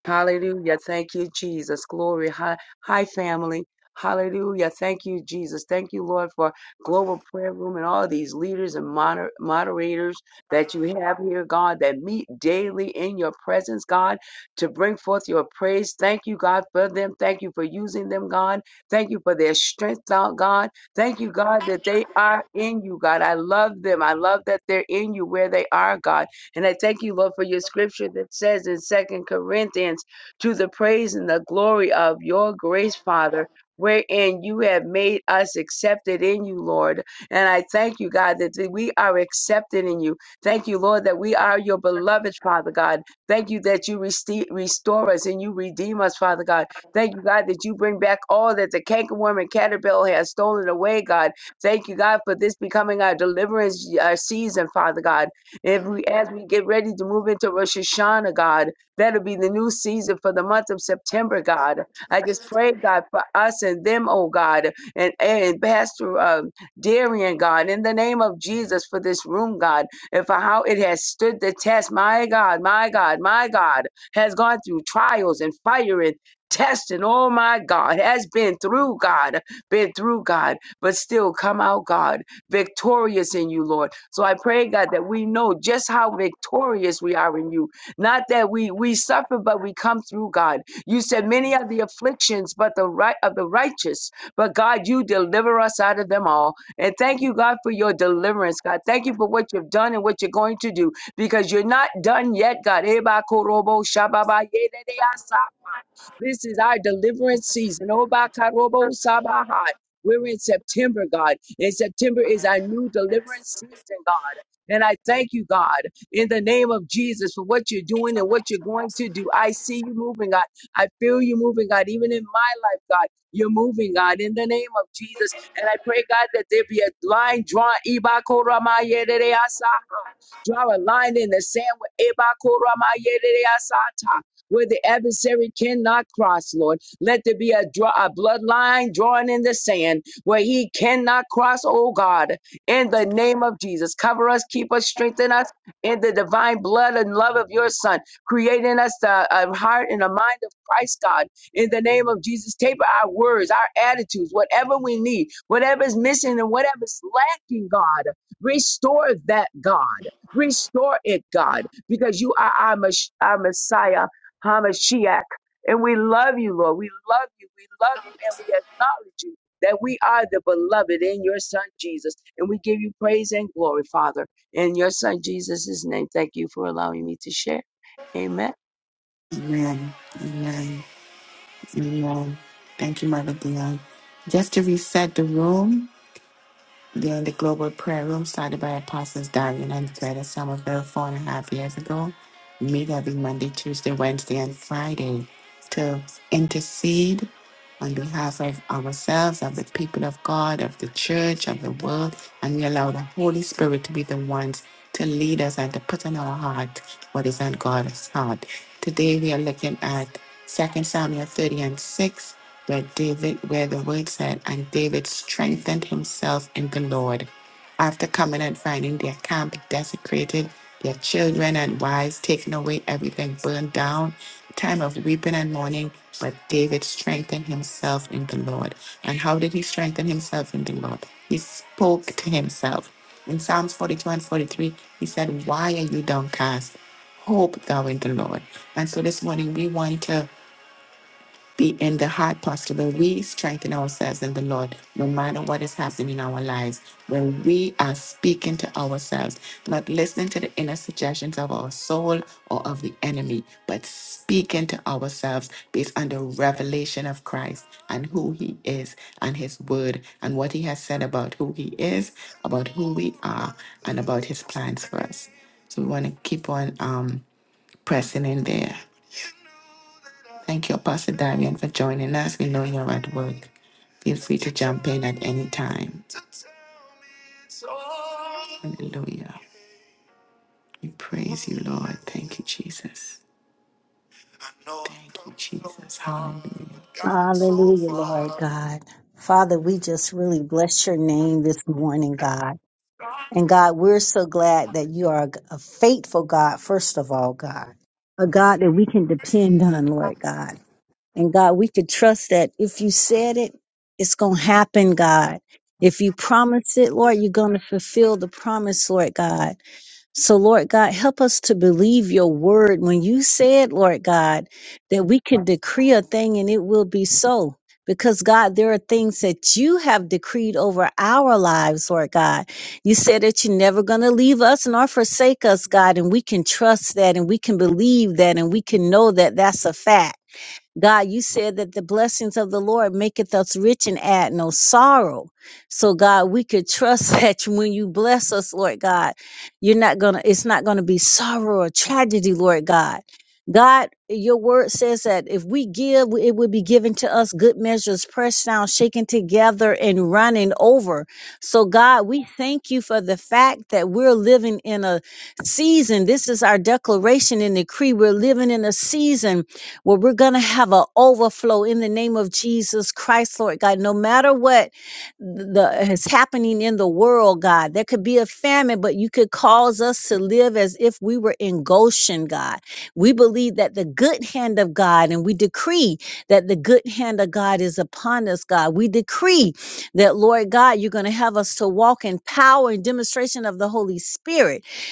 Speaker 6: Hallelujah. Thank you, Jesus. Glory. Hi, hi, family. Hallelujah. Thank you, Jesus. Thank you, Lord, for Global Prayer Room and all these leaders and moder- moderators that you have here, God, that meet daily in your presence, God, to bring forth your praise. Thank you, God, for them. Thank you for using them, God. Thank you for their strength, out, God. Thank you, God, that they are in you, God. I love them. I love that they're in you where they are, God. And I thank you, Lord, for your scripture that says in Second Corinthians, to the praise and the glory of your grace, Father, wherein you have made us accepted in you, Lord. And I thank you, God, that we are accepted in you. Thank you, Lord, that we are your beloved, Father God. Thank you that you reste- restore us and you redeem us, Father God. Thank you, God, that you bring back all that the cankerworm and caterpillar has stolen away, God. Thank you, God, for this becoming our deliverance our season, Father God. If we, as we get ready to move into Rosh Hashanah, God, that'll be the new season for the month of September, God. I just pray, God, for us and them, oh God, and, and Pastor uh, Darian, God, in the name of Jesus for this room, God, and for how it has stood the test. My God, my God, my God has gone through trials and fire and testing. Oh my God, has been through, God, been through, God, but still come out, God victorious in you, Lord. So I pray, God, that we know just how victorious we are in you. Not that we we suffer, but we come through, God. You said many are the afflictions, but the right of the righteous. But God, you deliver us out of them all. And thank you, God, for your deliverance, God. Thank you for what you've done and what you're going to do because you're not done yet, God. Eba korobo shababa yedede this is our deliverance season. Obakarobo sabaha. We're in September, God. And September is our new deliverance season, God. And I thank you, God, in the name of Jesus for what you're doing and what you're going to do. I see you moving, God. I feel you moving, God. Even in my life, God, you're moving, God, in the name of Jesus. And I pray, God, that there be a line drawn. Ibakoramayerereasaha. Draw a line in the sand with Ibakoramayerereasata where the adversary cannot cross, Lord. Let there be a, draw, a bloodline drawn in the sand where he cannot cross, oh God, in the name of Jesus. Cover us, keep us, strengthen us in the divine blood and love of your Son, creating us the, a heart and a mind of Christ, God, in the name of Jesus. Taper our words, our attitudes, whatever we need, whatever's missing and whatever's lacking, God. Restore that, God. Restore it, God, because you are our, Mes- our Messiah Hamashiach. And we love you, Lord. We love you. We love you and we acknowledge you that we are the beloved in your son Jesus. And we give you praise and glory, Father. In your son Jesus' name, thank you for allowing me to share. Amen.
Speaker 1: Amen. Amen. Amen. Thank you, Mother Dion. Just to reset the room, During the global prayer room started by Apostles Darian and Greta Somerville four and a half years ago, we meet every Monday, Tuesday, Wednesday, and Friday to intercede on behalf of ourselves, of the people of God, of the church, of the world, and we allow the Holy Spirit to be the ones to lead us and to put in our heart what is on God's heart. Today we are looking at 2 Samuel 30 and 6 where David, where the word said, and David strengthened himself in the Lord. After coming and finding their camp desecrated, their children and wives taken away, everything burned down, time of weeping and mourning, but David strengthened himself in the Lord. And how did he strengthen himself in the Lord? He spoke to himself. In Psalms 42 and 43, he said, Why are you downcast? Hope thou in the Lord. And so this morning we want to be in the hard posture where we strengthen ourselves in the Lord, no matter what is happening in our lives, when we are speaking to ourselves, not listening to the inner suggestions of our soul or of the enemy, but speaking to ourselves based on the revelation of Christ and who he is and his word and what he has said about who he is, about who we are, and about his plans for us. So we want to keep on um, pressing in there. Thank you, Apostle Darian, for joining us. We know you're at work. Feel free to jump in at any time. Hallelujah. We praise you, Lord. Thank you, Jesus. Thank you, Jesus. Hallelujah.
Speaker 7: Hallelujah, Lord God. Father, we just really bless your name this morning, God. And God, we're so glad that you are a faithful God, first of all, God. A God that we can depend on, Lord God. And God, we could trust that if you said it, it's going to happen, God. If you promise it, Lord, you're going to fulfill the promise, Lord God. So, Lord God, help us to believe your word. When you said, Lord God, that we can decree a thing and it will be so. Because, God, there are things that you have decreed over our lives, Lord God. You said that you're never going to leave us nor forsake us, God. And we can trust that and we can believe that and we can know that that's a fact. God, you said that the blessings of the Lord maketh us rich and add no sorrow. So God, we could trust [LAUGHS] that when you bless us, Lord God, you're not gonna, it's not gonna be sorrow or tragedy, Lord God. God, your word says that if we give, it will be given to us good measures, pressed down, shaken together, and running over. So, God, we thank you for the fact that we're living in a season. This is our declaration and decree. We're living in a season where we're going to have an overflow in the name of Jesus Christ, Lord God. No matter what the, is happening in the world, God, there could be a famine, but you could cause us to live as if we were in Goshen, God. We believe that the good hand of God, and we decree that the good hand of God is upon us, God. We decree that, Lord God, you're going to have us to walk in power and demonstration of the Holy Spirit.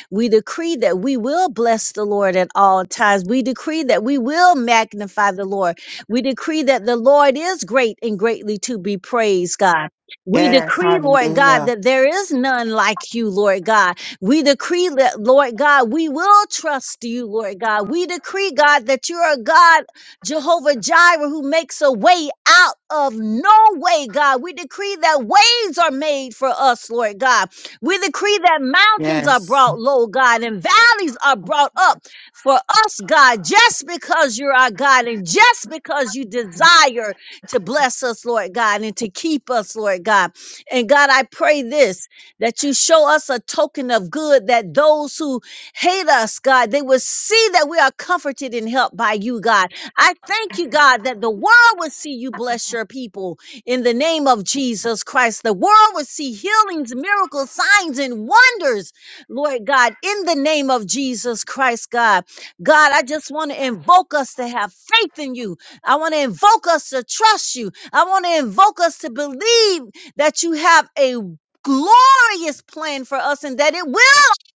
Speaker 7: We decree that we will bless the Lord at all times. We decree that we will magnify the Lord. We decree that the Lord is great and greatly to be praised, God. We
Speaker 1: Yes,
Speaker 7: decree, Lord God,
Speaker 1: hallelujah.
Speaker 7: that there is none like you, Lord God. We decree that, Lord God, we will trust you, Lord God. We decree, God, that you're a God, Jehovah Jireh, who makes a way out of no way, God. We decree that ways are made for us, Lord God. We decree that mountains are
Speaker 1: Yes,
Speaker 7: brought low, God, and valleys are brought up for us, God, just because you're our God and just because you desire to bless us, Lord God, and to keep us, Lord God. And God, I pray this that you show us a token of good that those who hate us, God, they will see that we are comforted and helped by you, God. I thank you, God, that the world will see you bless your people in the name of Jesus Christ. The world will see healings, miracles, signs, and wonders, Lord God, in the name of Jesus Christ, God. God, I just want to invoke us to have faith in you. I want to invoke us to trust you. I want to invoke us to believe that you have a glorious plan for us and that it will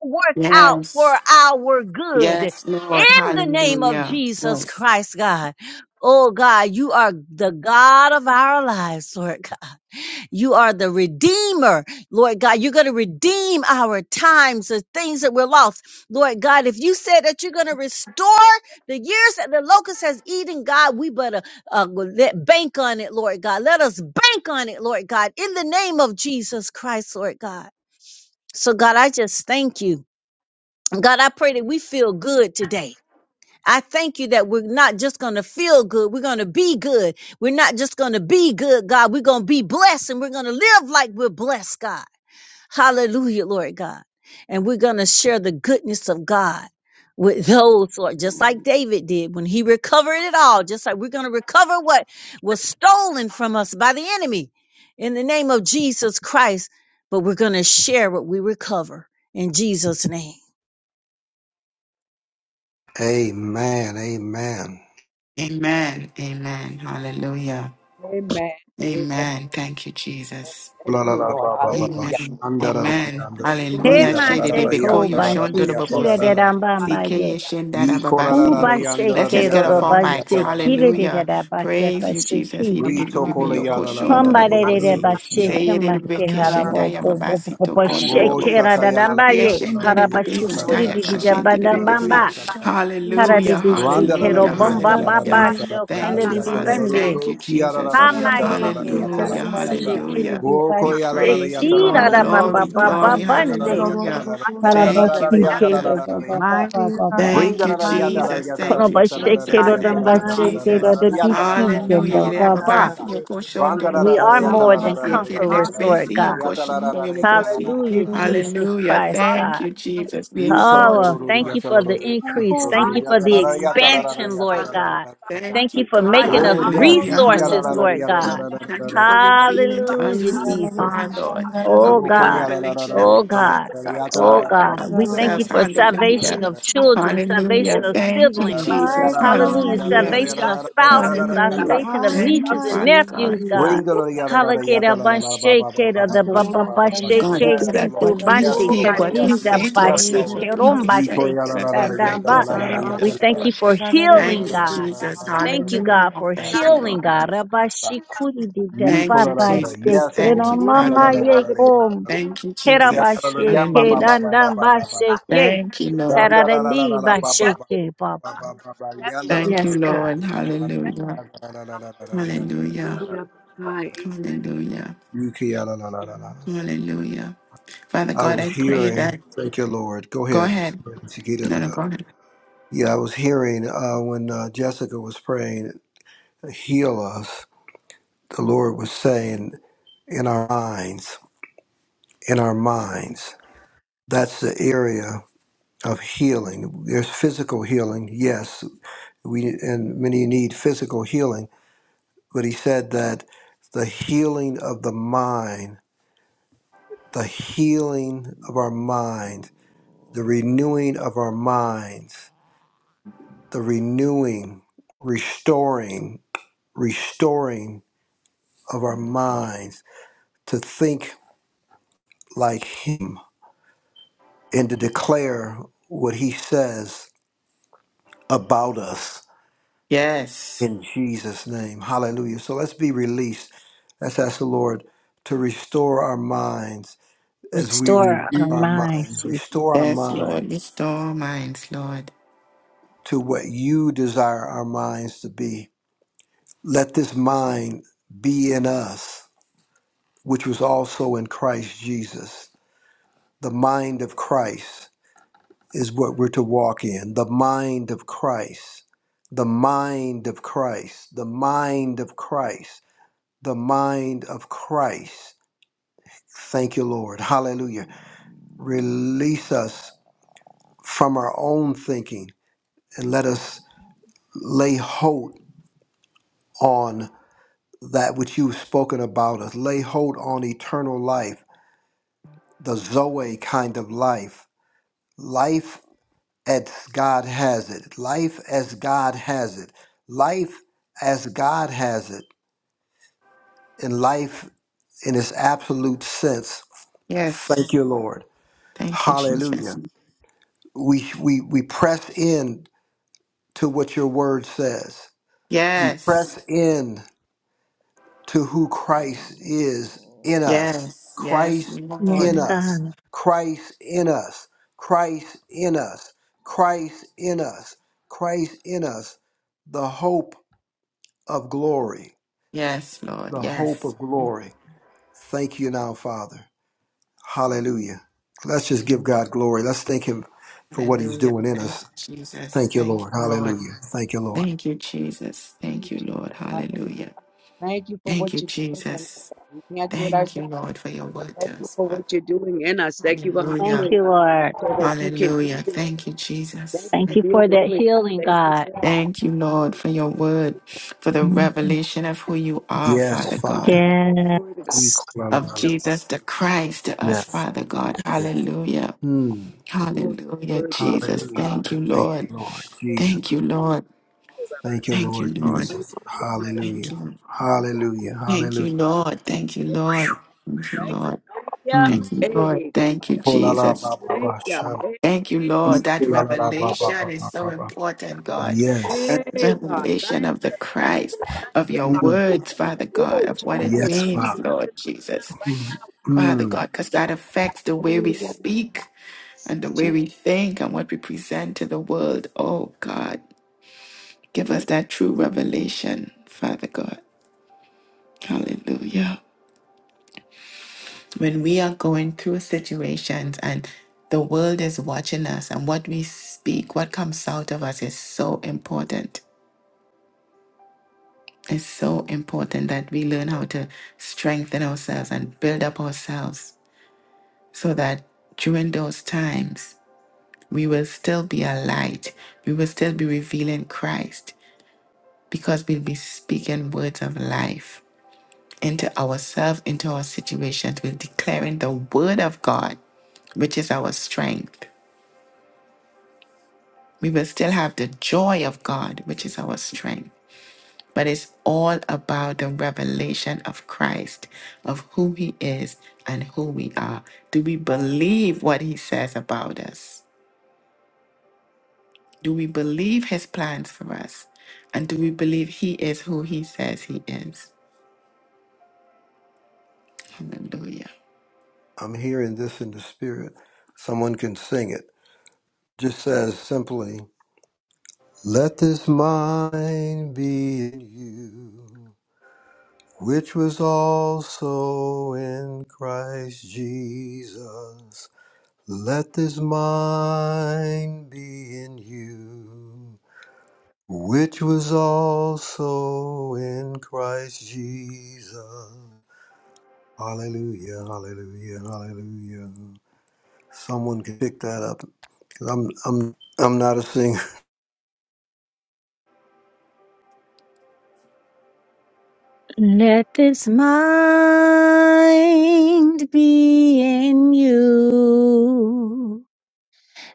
Speaker 7: work out for
Speaker 1: yes,
Speaker 7: our good
Speaker 1: yes, Lord.
Speaker 7: in the name of
Speaker 1: Hallelujah.
Speaker 7: Jesus
Speaker 1: Yes.
Speaker 7: Christ, God. Oh God, you are the God of our lives, Lord God. You are the Redeemer, Lord God. You're going to redeem our times, the things that were lost. Lord God, if you said that you're going to restore the years that the locust has eaten, God, we better uh, let, bank on it, Lord God. Let us bank on it, Lord God, in the name of Jesus Christ, Lord God. So God, I just thank you. God, I pray that we feel good today. I thank you that we're not just going to feel good. We're going to be good. We're not just going to be good, God. We're going to be blessed and we're going to live like we're blessed, God. Hallelujah, Lord God. And we're going to share the goodness of God with those, Lord, just like David did when he recovered it all, just like we're going to recover what was stolen from us by the enemy in the name of Jesus Christ. But we're going to share what we recover in Jesus' name.
Speaker 5: Amen. Amen.
Speaker 1: Amen. Amen. Hallelujah.
Speaker 6: Amen. Amen.
Speaker 1: Amen. Thank you, Jesus.
Speaker 6: Thank you, Lord.
Speaker 5: Ikoralababababa.
Speaker 1: Amen.
Speaker 6: Hallelujah.
Speaker 1: Amen.
Speaker 5: Shandarayanda.
Speaker 6: Hallelujah.
Speaker 1: Hallelujah. Shede de
Speaker 7: Hemashe
Speaker 1: beko yo shon
Speaker 7: kobashi
Speaker 1: dodo babo
Speaker 7: kire de
Speaker 1: se.
Speaker 5: Ikoralarayantarararayatararara.
Speaker 7: rambamba
Speaker 1: Sike ye
Speaker 7: ye. rambambaye.
Speaker 1: shen dada si yoko.
Speaker 7: Ubashe
Speaker 1: Let's just
Speaker 7: kero
Speaker 1: get off our mics.
Speaker 7: robashe kire
Speaker 5: Ikoralarayantarararayatarararayata.
Speaker 7: de de
Speaker 1: Hallelujah.
Speaker 7: rabashe
Speaker 1: Praise you, Jesus. He
Speaker 7: pashiki.
Speaker 1: did it with
Speaker 5: Brito
Speaker 1: baby
Speaker 5: kola
Speaker 1: yoko
Speaker 5: yada la la la
Speaker 1: shon
Speaker 6: Jesus,
Speaker 5: la la
Speaker 1: dodo
Speaker 7: Hambare
Speaker 1: babo
Speaker 7: de de
Speaker 1: se.
Speaker 7: rabashe
Speaker 5: yanda
Speaker 1: Say ye did it
Speaker 7: kemashe
Speaker 1: beke
Speaker 6: God,
Speaker 1: shen
Speaker 7: harabo
Speaker 1: daya
Speaker 7: bo bo
Speaker 1: baba no
Speaker 7: bo bo bo
Speaker 6: thank
Speaker 1: babose.
Speaker 6: you,
Speaker 5: Oh,
Speaker 6: Jesus.
Speaker 7: shekera
Speaker 6: The
Speaker 7: de
Speaker 5: shakaya la la
Speaker 1: Ye
Speaker 7: rambaye.
Speaker 5: yata
Speaker 1: shen
Speaker 5: la la
Speaker 1: dede bebe
Speaker 5: yata
Speaker 7: Harabashi
Speaker 5: la
Speaker 1: si
Speaker 5: la
Speaker 7: kuri
Speaker 1: taya
Speaker 7: di
Speaker 5: yata
Speaker 7: di
Speaker 1: ka
Speaker 5: la la
Speaker 7: de
Speaker 1: shen dede
Speaker 5: yata la
Speaker 1: bebe
Speaker 5: la
Speaker 7: bandambamba.
Speaker 5: yata la la.
Speaker 1: Hallelujah.
Speaker 7: Haradibishi
Speaker 5: Randa la la
Speaker 7: kero
Speaker 1: Hallelujah.
Speaker 5: la
Speaker 4: We
Speaker 5: yata
Speaker 7: bomba
Speaker 5: la
Speaker 4: trust
Speaker 5: la
Speaker 4: in
Speaker 7: baba
Speaker 1: Hallelujah.
Speaker 5: yata
Speaker 4: you.
Speaker 5: la la la
Speaker 1: Thank
Speaker 7: shokande
Speaker 1: you,
Speaker 7: di di
Speaker 5: yata
Speaker 4: Hallelujah.
Speaker 5: la
Speaker 1: Father.
Speaker 5: la ro ro
Speaker 7: bende.
Speaker 1: Thank you,
Speaker 5: ro. Kia la la
Speaker 1: Jesus.
Speaker 5: la yata la
Speaker 7: Hamaye
Speaker 5: la
Speaker 4: Hallelujah.
Speaker 5: la
Speaker 7: ke
Speaker 5: yata la
Speaker 1: Hallelujah.
Speaker 5: la
Speaker 7: harabashe
Speaker 5: yata.
Speaker 7: kine
Speaker 1: Hallelujah.
Speaker 7: di
Speaker 5: Oh,
Speaker 1: We
Speaker 5: koya la
Speaker 7: bashe
Speaker 5: la la
Speaker 1: praise you,
Speaker 5: yata la
Speaker 7: kira
Speaker 5: la
Speaker 1: Lord.
Speaker 5: yata la la
Speaker 7: rabamba
Speaker 1: Glory,
Speaker 5: yata la
Speaker 7: baba
Speaker 5: ro
Speaker 1: glory,
Speaker 5: yata la la
Speaker 7: bande.
Speaker 5: yata la
Speaker 1: hallelujah.
Speaker 5: la
Speaker 6: righteous,
Speaker 5: yata la
Speaker 1: Thank you,
Speaker 5: la
Speaker 6: yes,
Speaker 5: yata la
Speaker 1: Father.
Speaker 7: Karabasikedo, ba-
Speaker 5: la
Speaker 7: ba- ba-
Speaker 5: yata.
Speaker 4: Mighty
Speaker 7: ba-
Speaker 4: is
Speaker 7: ba-
Speaker 4: our
Speaker 7: ba.
Speaker 4: God.
Speaker 5: Bring
Speaker 1: Thank
Speaker 5: that
Speaker 1: you,
Speaker 4: Mighty
Speaker 5: yata
Speaker 4: is our
Speaker 5: la
Speaker 1: Jesus.
Speaker 5: yata la yata la
Speaker 1: Thank
Speaker 4: God.
Speaker 1: you,
Speaker 5: yata la
Speaker 6: God,
Speaker 1: Jesus.
Speaker 7: Karabasikedo,
Speaker 5: yata
Speaker 6: yes,
Speaker 1: Thank you,
Speaker 4: Mighty
Speaker 6: God.
Speaker 4: is
Speaker 7: dambasekedo,
Speaker 1: Jesus.
Speaker 4: our
Speaker 7: the
Speaker 4: God.
Speaker 5: la
Speaker 7: disease and
Speaker 5: yata
Speaker 1: Hallelujah.
Speaker 7: the
Speaker 1: Yere da
Speaker 5: la
Speaker 7: Baba.
Speaker 5: yata.
Speaker 1: babasi, yoko
Speaker 5: Run
Speaker 1: shondo no
Speaker 7: We
Speaker 5: that
Speaker 7: are
Speaker 5: yata
Speaker 1: bobosi.
Speaker 7: more
Speaker 5: la
Speaker 7: than
Speaker 5: yata la
Speaker 1: Yekere
Speaker 5: yata
Speaker 1: de
Speaker 7: conquerors, Lord
Speaker 1: bobesi,
Speaker 7: God.
Speaker 1: yoko shondo yo bobosi.
Speaker 7: Hallelujah, Jesus
Speaker 1: Hallelujah.
Speaker 7: Christ,
Speaker 1: Thank
Speaker 7: God.
Speaker 1: you, Jesus. We exalt
Speaker 7: Oh,
Speaker 1: you,
Speaker 7: thank
Speaker 1: Lord.
Speaker 7: you for the
Speaker 4: Our
Speaker 7: increase.
Speaker 4: hope
Speaker 6: High,
Speaker 1: We
Speaker 7: Thank you
Speaker 4: is
Speaker 7: for the
Speaker 1: worship
Speaker 5: la
Speaker 4: in
Speaker 1: you.
Speaker 4: you.
Speaker 5: yata
Speaker 1: Thank
Speaker 5: la
Speaker 1: you,
Speaker 7: expansion, Lord
Speaker 5: yata.
Speaker 1: Father.
Speaker 7: God. Thank
Speaker 1: Thank
Speaker 7: you
Speaker 1: you,
Speaker 7: for
Speaker 6: high,
Speaker 1: God.
Speaker 6: high,
Speaker 7: making
Speaker 6: high,
Speaker 7: us
Speaker 5: Oh
Speaker 1: Hallelujah.
Speaker 7: resources,
Speaker 1: Hallelujah.
Speaker 7: Lord God.
Speaker 1: Thank you for revealing to us
Speaker 5: yes,
Speaker 7: Hallelujah,
Speaker 1: who you
Speaker 7: Jesus.
Speaker 1: are, Lord. A
Speaker 7: Oh
Speaker 1: real
Speaker 5: Roko
Speaker 7: God,
Speaker 5: yara la la la
Speaker 1: revelation
Speaker 5: la
Speaker 1: of
Speaker 7: oh
Speaker 1: your
Speaker 5: yata la
Speaker 1: Son,
Speaker 7: God,
Speaker 5: la la
Speaker 1: Father
Speaker 6: That's
Speaker 5: yata
Speaker 6: right,
Speaker 5: la
Speaker 6: right.
Speaker 7: oh
Speaker 5: la
Speaker 1: God,
Speaker 5: la
Speaker 1: and
Speaker 7: God.
Speaker 5: la
Speaker 1: of
Speaker 7: We thank
Speaker 5: yata
Speaker 7: you
Speaker 1: ourselves.
Speaker 7: for salvation
Speaker 1: Hallelujah.
Speaker 7: of children,
Speaker 1: Hallelujah.
Speaker 7: salvation of
Speaker 1: Thank you,
Speaker 7: siblings.
Speaker 1: Jesus.
Speaker 4: Mighty,
Speaker 7: Hallelujah.
Speaker 5: la
Speaker 1: Hallelujah.
Speaker 6: We
Speaker 5: la
Speaker 7: Salvation
Speaker 4: mighty.
Speaker 6: are
Speaker 7: of
Speaker 6: the beloved.
Speaker 7: spouses,
Speaker 5: la yata.
Speaker 6: I
Speaker 1: Hallelujah.
Speaker 7: salvation of
Speaker 4: Mighty,
Speaker 1: Thank you,
Speaker 6: love
Speaker 7: nieces and
Speaker 6: you.
Speaker 1: Father
Speaker 4: mighty are
Speaker 1: God.
Speaker 7: nephews,
Speaker 4: you, O
Speaker 7: God.
Speaker 5: Bring
Speaker 4: God.
Speaker 5: the yada la la
Speaker 7: Halakeda
Speaker 5: yata la la la ba ba ba ba ba
Speaker 7: bashekeda the
Speaker 5: ba ba
Speaker 7: baba
Speaker 4: Adororo,
Speaker 5: ba ba ba.
Speaker 4: shandere,
Speaker 1: God, we
Speaker 7: basheke
Speaker 1: pray
Speaker 5: Yes,
Speaker 1: that
Speaker 7: think to
Speaker 1: what
Speaker 5: Lord.
Speaker 1: we
Speaker 5: Yes,
Speaker 7: bandi
Speaker 6: Oh,
Speaker 1: speak,
Speaker 6: God,
Speaker 5: Lord.
Speaker 1: what we
Speaker 5: Yes,
Speaker 7: katinda
Speaker 5: Lord.
Speaker 1: say to
Speaker 5: Yes,
Speaker 1: ourselves,
Speaker 5: Lord.
Speaker 1: what we have
Speaker 7: bashekerom
Speaker 5: Yiko
Speaker 1: strengthen
Speaker 5: yada la
Speaker 1: ourselves will
Speaker 5: la la
Speaker 1: affect
Speaker 5: yata la
Speaker 7: basheke.
Speaker 1: those
Speaker 5: la la la
Speaker 1: around
Speaker 5: yata
Speaker 7: We
Speaker 1: us,
Speaker 5: la
Speaker 7: thank
Speaker 5: la
Speaker 7: you
Speaker 1: Lord.
Speaker 7: for
Speaker 5: la la la
Speaker 7: healing,
Speaker 1: Thank you,
Speaker 5: la
Speaker 7: God.
Speaker 5: la la
Speaker 1: Jesus.
Speaker 5: la la
Speaker 7: Thank you,
Speaker 5: la la
Speaker 7: God,
Speaker 1: Hallelujah.
Speaker 7: for
Speaker 1: Thank
Speaker 5: yata
Speaker 1: you,
Speaker 5: la
Speaker 7: healing,
Speaker 1: Lord.
Speaker 5: la la
Speaker 7: God.
Speaker 5: la
Speaker 7: Rabba
Speaker 5: yata.
Speaker 7: shikuri di de
Speaker 5: Yiko
Speaker 1: Thank
Speaker 5: la
Speaker 1: you,
Speaker 5: la
Speaker 7: baba
Speaker 5: la la.
Speaker 7: de
Speaker 1: Jesus.
Speaker 5: Yes,
Speaker 1: Thank
Speaker 5: Lord.
Speaker 1: you,
Speaker 6: in you,
Speaker 5: Yada
Speaker 1: Father.
Speaker 6: we
Speaker 5: la
Speaker 6: are
Speaker 5: la
Speaker 6: the beloved.
Speaker 5: la la.
Speaker 1: Thank you,
Speaker 6: We
Speaker 5: Yamba
Speaker 1: Jesus.
Speaker 5: ba ba ba
Speaker 1: Hallelujah.
Speaker 5: ba ba ba ba ba.
Speaker 1: Thank you, Lord.
Speaker 5: Yanda la la la
Speaker 7: Heradendi
Speaker 5: la la
Speaker 7: ba
Speaker 5: ba ba
Speaker 6: Accept,
Speaker 5: ba
Speaker 7: Bob.
Speaker 5: ba ba ba ba. Yanda
Speaker 6: accepted
Speaker 5: la
Speaker 6: in
Speaker 5: la
Speaker 1: Thank
Speaker 7: Yes,
Speaker 1: you,
Speaker 5: la la
Speaker 6: you.
Speaker 7: God.
Speaker 1: Lord.
Speaker 5: la la
Speaker 6: Accept
Speaker 1: Hallelujah.
Speaker 5: la la la. la
Speaker 6: in
Speaker 5: la
Speaker 1: Hallelujah.
Speaker 5: la.
Speaker 1: Hallelujah.
Speaker 5: Yuki la la la la la la.
Speaker 1: Hallelujah. Father
Speaker 5: I
Speaker 1: God, I
Speaker 5: was
Speaker 1: pray
Speaker 5: hearing.
Speaker 1: that.
Speaker 5: Thank you, Lord. Go
Speaker 1: Go
Speaker 5: ahead.
Speaker 1: ahead.
Speaker 5: Chiquita
Speaker 1: No,
Speaker 5: la
Speaker 1: no,
Speaker 5: la.
Speaker 1: go ahead.
Speaker 5: Yeah, I was hearing uh, when uh, Jessica was praying, "Heal us." The Lord was saying, "In our minds, in our minds." That's the area of healing. There's physical healing, yes, we and many need physical healing but he said that the healing of the mind the healing of our mind the renewing of our minds the renewing restoring restoring of our minds to think like him and to declare what he says about us
Speaker 1: Yes.
Speaker 5: in Jesus name hallelujah so let's be released let's ask the lord to restore our minds as we
Speaker 7: Restore our
Speaker 5: renew our
Speaker 7: minds,
Speaker 5: minds,
Speaker 7: Jesus.
Speaker 5: restore our
Speaker 1: Yes, Lord.
Speaker 5: minds
Speaker 1: Restore minds, Lord.
Speaker 5: to what you desire our minds to be. Let this mind be in us, which was also in Christ Jesus. The mind of Christ is what we're to walk in. The mind of Christ. The mind of Christ. The mind of Christ. The mind of Christ. Thank you, Lord. Hallelujah. Release us from our own thinking and let us lay hold on that which you've spoken about us, lay hold on eternal life, the Zoe kind of life, life as God has it, life as God has it, life as God has it, and life in its absolute sense. Thank
Speaker 1: Yes.
Speaker 5: you, Lord.
Speaker 1: Thank you,
Speaker 5: Hallelujah.
Speaker 1: Jesus.
Speaker 5: We we we press in to what your word says. We
Speaker 1: Yes.
Speaker 5: press in to who Christ is in us.
Speaker 1: Yes. Yes,
Speaker 5: Christ
Speaker 7: Yes,
Speaker 5: in
Speaker 1: Lord.
Speaker 5: us.
Speaker 7: God.
Speaker 5: Christ in us. Christ in us. Christ in us. Christ in us. The hope of glory.
Speaker 1: Yes, Lord.
Speaker 5: The hope
Speaker 1: Yes.
Speaker 5: of glory. Thank you now, Father. Hallelujah. Let's just give God glory. Let's thank Him for what He's
Speaker 1: Hallelujah.
Speaker 5: doing in
Speaker 1: Thank you,
Speaker 5: us.
Speaker 1: Jesus.
Speaker 5: Thank you,
Speaker 1: Thank you,
Speaker 5: Lord.
Speaker 1: Lord.
Speaker 5: Hallelujah. Thank you, Lord.
Speaker 1: Thank you, Jesus.
Speaker 6: you,
Speaker 1: Thank you,
Speaker 6: Jesus.
Speaker 1: Lord.
Speaker 6: Hallelujah.
Speaker 1: Hallelujah.
Speaker 6: Thank you for what
Speaker 1: Thank you,
Speaker 6: you're doing in us,
Speaker 1: Jesus.
Speaker 6: God. We can't do it
Speaker 1: Thank you,
Speaker 6: ourselves.
Speaker 1: Lord, for your
Speaker 6: But
Speaker 1: word
Speaker 6: thank
Speaker 1: to
Speaker 6: you
Speaker 1: us,
Speaker 6: for what
Speaker 1: Father.
Speaker 6: you're doing in us. Thank you for
Speaker 7: Thank
Speaker 1: Hallelujah.
Speaker 6: humbling
Speaker 7: you,
Speaker 6: us
Speaker 7: Lord.
Speaker 6: so that you can
Speaker 1: Hallelujah.
Speaker 6: do this.
Speaker 1: Thank you,
Speaker 6: Thank
Speaker 1: Jesus.
Speaker 6: you
Speaker 7: Thank
Speaker 6: for
Speaker 7: you
Speaker 6: being
Speaker 7: for that
Speaker 6: willing, God.
Speaker 7: healing,
Speaker 6: Thank you
Speaker 7: God.
Speaker 6: for Thank
Speaker 1: Thank you,
Speaker 6: you,
Speaker 1: Lord,
Speaker 6: Jesus.
Speaker 1: for your word, for the
Speaker 7: Mhm.
Speaker 1: revelation of who
Speaker 6: Thank
Speaker 1: you are,
Speaker 5: Yes,
Speaker 1: Father
Speaker 6: you,
Speaker 1: God,
Speaker 5: Father.
Speaker 6: Jesus. Glory to God.
Speaker 7: Yes.
Speaker 1: of
Speaker 5: Yes.
Speaker 1: Jesus the Christ to us,
Speaker 5: Yes.
Speaker 1: Father God. Hallelujah.
Speaker 5: Hmm.
Speaker 6: Oh, you're
Speaker 1: Hallelujah,
Speaker 6: worthy of worship,
Speaker 1: Jesus.
Speaker 5: Hallelujah.
Speaker 1: Thank you,
Speaker 5: Thank
Speaker 1: Lord.
Speaker 5: you, Lord Jesus.
Speaker 1: Thank you, Lord.
Speaker 6: Baba.
Speaker 5: Thank you,
Speaker 6: So,
Speaker 1: Thank
Speaker 5: Lord
Speaker 1: you, Lord.
Speaker 5: Jesus.
Speaker 6: Hallelujah, hallelujah.
Speaker 1: Thank
Speaker 5: Hallelujah.
Speaker 1: you.
Speaker 5: Hallelujah.
Speaker 1: Thank you,
Speaker 5: Hallelujah.
Speaker 1: Lord. Thank you, Lord. Thank you,
Speaker 6: Thank you,
Speaker 1: Lord.
Speaker 6: thank you.
Speaker 1: Thank
Speaker 5: Mm.
Speaker 1: you, Lord.
Speaker 6: Hey, God.
Speaker 1: Thank you,
Speaker 5: Oh, la, la,
Speaker 1: Jesus.
Speaker 5: ba, ba,
Speaker 6: Thank
Speaker 5: ba, shan.
Speaker 1: Thank you,
Speaker 6: you.
Speaker 5: Mm.
Speaker 1: Lord. That
Speaker 5: La, la, la, ba, ba,
Speaker 1: revelation
Speaker 5: ba,
Speaker 1: is
Speaker 5: ba,
Speaker 1: so
Speaker 5: ba, ba.
Speaker 1: important, God.
Speaker 5: Yes.
Speaker 1: That
Speaker 6: Hey, hey, God. Thank
Speaker 1: revelation of the Christ,
Speaker 6: you, thank
Speaker 1: of
Speaker 6: you.
Speaker 1: your
Speaker 5: Mm.
Speaker 6: Hallelujah.
Speaker 1: words, Father God,
Speaker 6: Oh,
Speaker 1: of what it
Speaker 6: Jesus,
Speaker 5: Yes,
Speaker 1: means,
Speaker 6: Jesus.
Speaker 5: Father.
Speaker 6: That's
Speaker 1: Lord Jesus.
Speaker 6: right
Speaker 5: Mm.
Speaker 6: now,
Speaker 1: Father
Speaker 5: Mm.
Speaker 1: God, because that affects the
Speaker 6: now.
Speaker 1: way we
Speaker 6: Oh, yes.
Speaker 1: speak and the way
Speaker 6: Jesus.
Speaker 1: we think and what we present to the world. Oh, God, give us that true revelation, Father God. Hallelujah. when we are going through situations and the world is watching us and what we speak, what comes out of us is so important. It's so important that we learn how to strengthen ourselves and build up ourselves so that during those times, we will still be a light. We will still be revealing Christ because we'll be speaking words of life into ourselves, into our situations. We're declaring the word of God, which is our strength We will still have the joy of God, which is our strength. But it's all about the revelation of Christ, of who He is and who we are. Do we believe what He says about us? Do we believe His plans for us? And do we believe He is who He says He is? Hallelujah.
Speaker 5: I'm hearing this in the spirit. Someone can sing it. Just says simply, let this mind be in you. which was also in Christ Jesus. Let this mind be in you, which was also in Christ Jesus. Hallelujah, hallelujah, hallelujah. Someone can pick that up because I'm I'm I'm not a singer.
Speaker 7: Let this mind be in you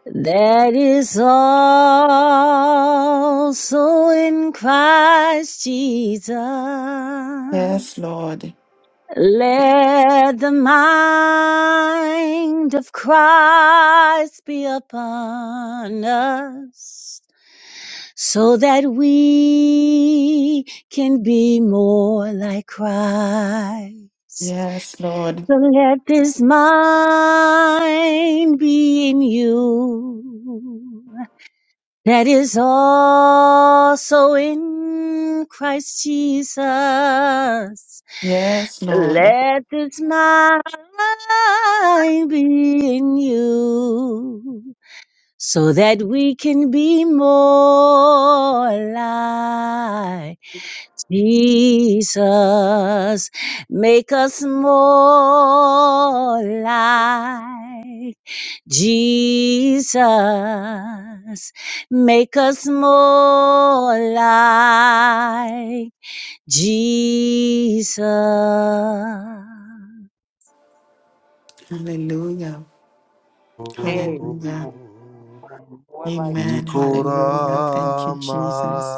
Speaker 7: That is also in Christ Jesus.
Speaker 1: Yes, Lord.
Speaker 7: Let the mind of Christ be upon us so that we can be more like Christ.
Speaker 1: Yes, Lord.
Speaker 7: So let this mind be in you that is also in Christ Jesus.
Speaker 1: Yes, Lord.
Speaker 7: Let this mind be in you, so that we can be more like Jesus. Make us more like Jesus, make us more like Jesus. God,
Speaker 1: Hallelujah.
Speaker 6: Amen.
Speaker 1: Hallelujah.
Speaker 5: [LAUGHS]
Speaker 6: Amen. More like Jesus.
Speaker 1: Amen. Hallelujah. Thank you,
Speaker 5: Ikorama
Speaker 1: Jesus.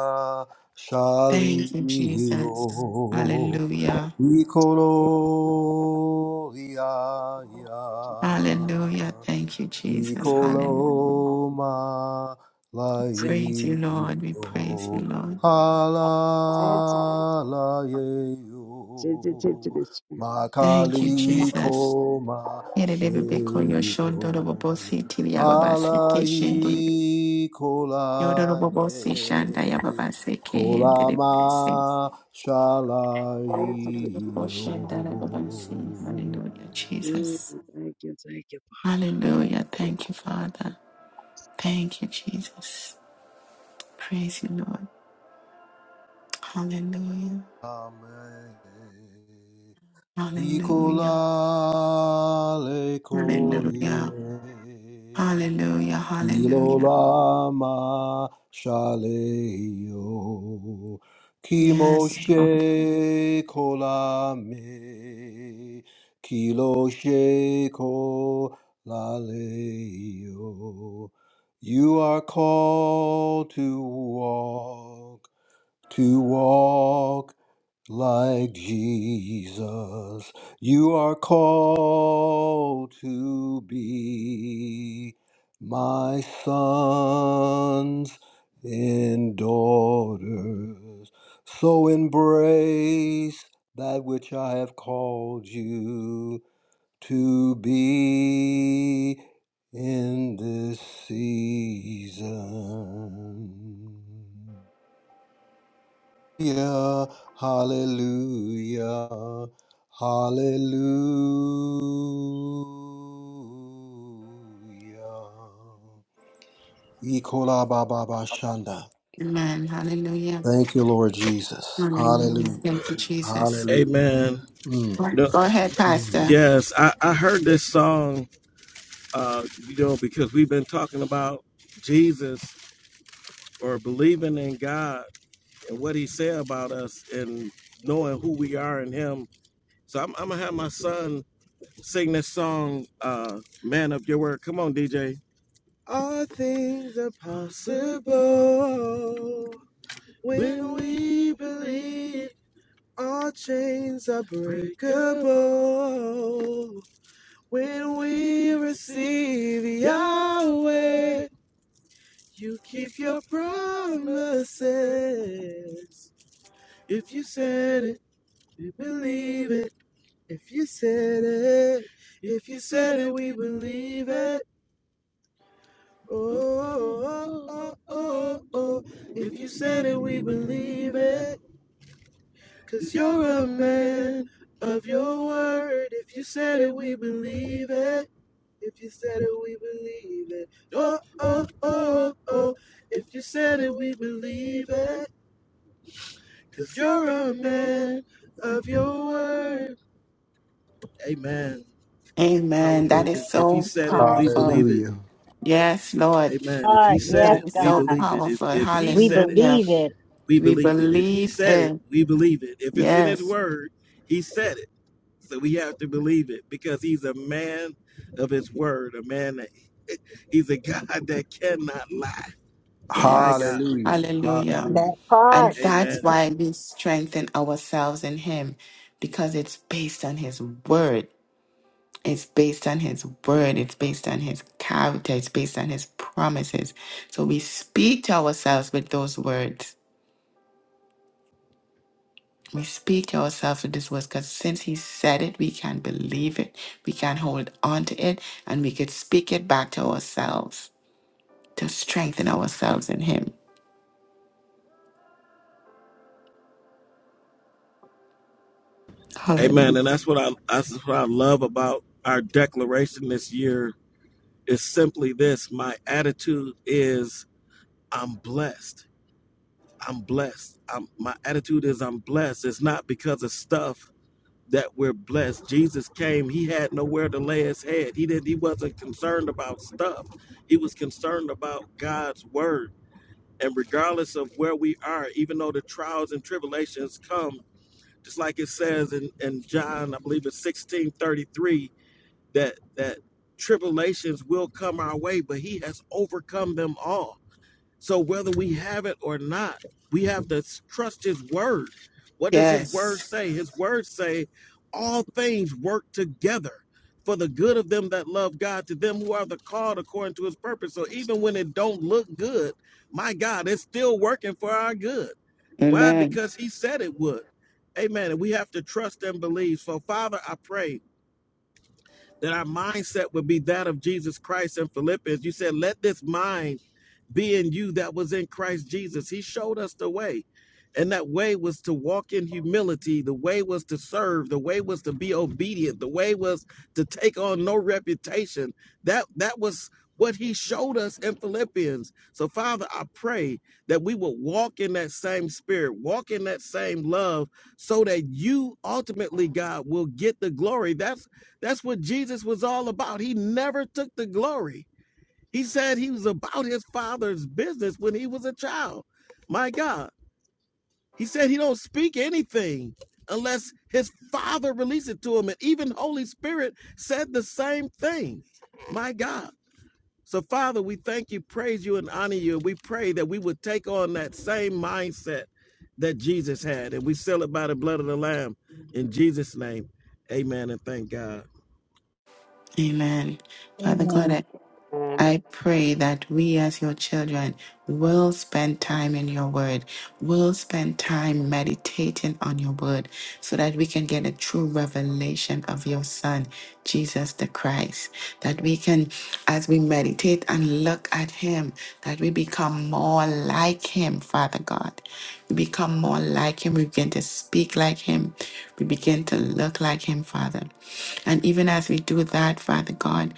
Speaker 1: Thank you, Jesus.
Speaker 5: Shalio
Speaker 1: Hallelujah.
Speaker 5: Ikoro Iaya
Speaker 1: Hallelujah. Thank you, Jesus. Hallelujah.
Speaker 5: Nicoloma
Speaker 1: Praise you, Lord. We praise you,
Speaker 5: laio
Speaker 1: Lord.
Speaker 5: halalaio
Speaker 6: Sensitive to the Spirit.
Speaker 1: Thank you, Jesus.
Speaker 5: makalikoma
Speaker 1: Yerebebeko
Speaker 5: sheio
Speaker 1: yoshondorobobose tiliyababase keshende.
Speaker 5: halaikolane
Speaker 1: Yodorobobose shandayababase
Speaker 5: kolama
Speaker 1: kehenderebese.
Speaker 5: shalaio
Speaker 6: Sensitive to the Spirit.
Speaker 1: Yokoshendarababase. Hallelujah,
Speaker 6: Mm,
Speaker 1: Jesus.
Speaker 6: Thank you, thank you.
Speaker 1: Hallelujah. Thank you,
Speaker 6: Father.
Speaker 1: Father. Thank you, Jesus. Praise you, Lord. Hallelujah.
Speaker 5: Amen.
Speaker 1: Hallelujah.
Speaker 5: Ikolale koye
Speaker 1: Hallelujah. Hallelujah. Hallelujah.
Speaker 5: kilolama shaleyo
Speaker 1: Yes, Lord.
Speaker 5: kimoshe kolame kiloshe kolaleyo. You are called to walk to walk like Jesus. You are called to be my sons and daughters. So embrace that which I have called you to be in this season. Hallelujah, hallelujah, hallelujah. Ikola baba bashanda.
Speaker 1: Amen. Hallelujah.
Speaker 5: Thank you, Lord Jesus.
Speaker 1: Hallelujah.
Speaker 5: Hallelujah,
Speaker 1: Thank you, Jesus.
Speaker 5: hallelujah.
Speaker 3: Amen.
Speaker 5: Mm.
Speaker 1: Go
Speaker 3: You know,
Speaker 1: go ahead,
Speaker 5: Mm.
Speaker 1: Pastor.
Speaker 3: yes, I, I heard this song, uh, you know, because we've been talking about Jesus or believing in God and what he said about us and knowing who we are in him So I'm, I'm gonna have my son sing this song, uh, "Man of Your Word." Come on, DJ. All things are possible when we believe. All chains are breakable when we receive Yahweh. You keep your promises. If you said it, we believe it. If you said it, if you said it, we believe it. Oh, oh, oh, oh. If you said it, we believe it. Cause you're a man of your word. If you said it, we believe it. If you said it, we believe it. Oh, oh, oh, oh. If you said it, we believe it. Cause you're a man of your word. Amen.
Speaker 1: Amen. That is
Speaker 3: Hallelujah. If he
Speaker 1: so
Speaker 3: said it, we
Speaker 1: powerful.
Speaker 3: believe it.
Speaker 5: Hallelujah,
Speaker 1: Yes, Lord.
Speaker 3: Amen. If he said
Speaker 7: yes,
Speaker 3: it,
Speaker 1: That is
Speaker 3: we
Speaker 1: so
Speaker 7: God.
Speaker 3: believe it. If
Speaker 1: powerful.
Speaker 3: if he
Speaker 7: We
Speaker 3: said it,
Speaker 1: Hallelujah.
Speaker 7: believe it.
Speaker 3: we
Speaker 1: We
Speaker 3: believe it. If he
Speaker 1: believe
Speaker 3: said it,
Speaker 1: it.
Speaker 3: we believe it. If it's in his
Speaker 1: Yes.
Speaker 3: word, he said it. So we have to believe it because he's a man of his word, a man that he's a [LAUGHS] God that cannot lie. My
Speaker 1: Yes.
Speaker 3: God.
Speaker 5: hallelujah,
Speaker 1: Hallelujah.
Speaker 5: hallelujah.
Speaker 7: That
Speaker 1: And
Speaker 7: part.
Speaker 1: that's
Speaker 3: Amen.
Speaker 1: why we strengthen ourselves in Him because it's based on His word. It's based on His word. It's based on His character. It's based on His promises. So we speak to ourselves with those words. We speak to ourselves with these words because since He said it, we can believe it, we can hold on to it, and we could speak it back to ourselves to strengthen ourselves in Him. Hallelujah.
Speaker 3: Amen. And that's what I that's what I love about our declaration this year is simply this. My attitude is I'm blessed. I'm blessed. I'm my attitude is I'm blessed. It's not because of stuff that we're blessed. Jesus came, he had nowhere to lay his head. He didn't he wasn't concerned about stuff. He was concerned about God's word. And regardless of where we are, even though the trials and tribulations come, just like it says in, in John, I believe it's 1633, that that tribulations will come our way, but he has overcome them all. So whether we have it or not, we have to trust his word. What does his word
Speaker 1: Yes.
Speaker 3: say? His words say all things work together for the good of them that love God, to them who are the called according to his purpose. So even when it don't look good, my God, it's still working for our good. Why?
Speaker 1: Amen.
Speaker 3: Because he said it would. Amen. And we have to trust and believe. So Father, I pray that our mindset would be that of Jesus Christ in Philippians. You said, let this mind being you that was in Christ Jesus. He showed us the way. And that way was to walk in humility. The way was to serve. The way was to be obedient. The way was to take on no reputation. That that was what he showed us in Philippians. So Father, I pray that we will walk in that same spirit, walk in that same love so that you ultimately God will get the glory. That's that's what Jesus was all about. He never took the glory. He said he was about his father's business when he was a child. My God. He said he don't speak anything unless his father releases it to him. And even Holy Spirit said the same thing. My God. So, Father, we thank you, praise you, and honor you. We pray that we would take on that same mindset that Jesus had. And we seal it by the blood of the Lamb. In Jesus' name, amen. And thank God.
Speaker 1: Amen. Father God, I
Speaker 7: Amen.
Speaker 6: Amen.
Speaker 1: I pray that we as your children will spend time in your word, will spend time meditating on your word so that we can get a true revelation of your son, Jesus the Christ. That we can, as we meditate and look at him, that we become more like him, Father God. We become more like him. We begin to speak like him. We begin to look like him, Father. And even as we do that, Father God,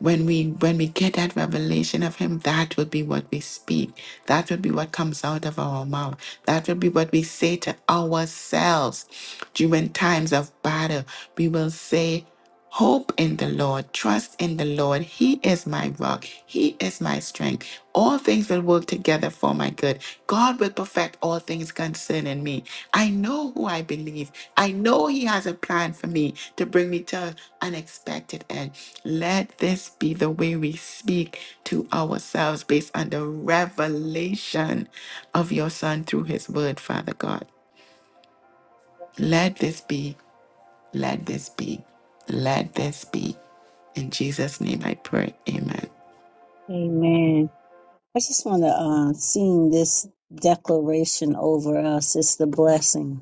Speaker 1: when we when we get that revelation of him that will be what we speak that will be what comes out of our mouth that will be what we say to ourselves during times of battle we will say hope in the lord trust in the lord he is my rock he is my strength all things will work work together for my good. God will perfect all things concerning me. I know who I believe. I know He has a plan for me to bring me to an expected end. Let this be the way we speak to ourselves based on the revelation of your Son through His word, Father God. Let this be, let this be, let this be. In Jesus' name I pray. Amen.
Speaker 7: Amen. I just want to uh, sing this declaration over us. It's the blessing.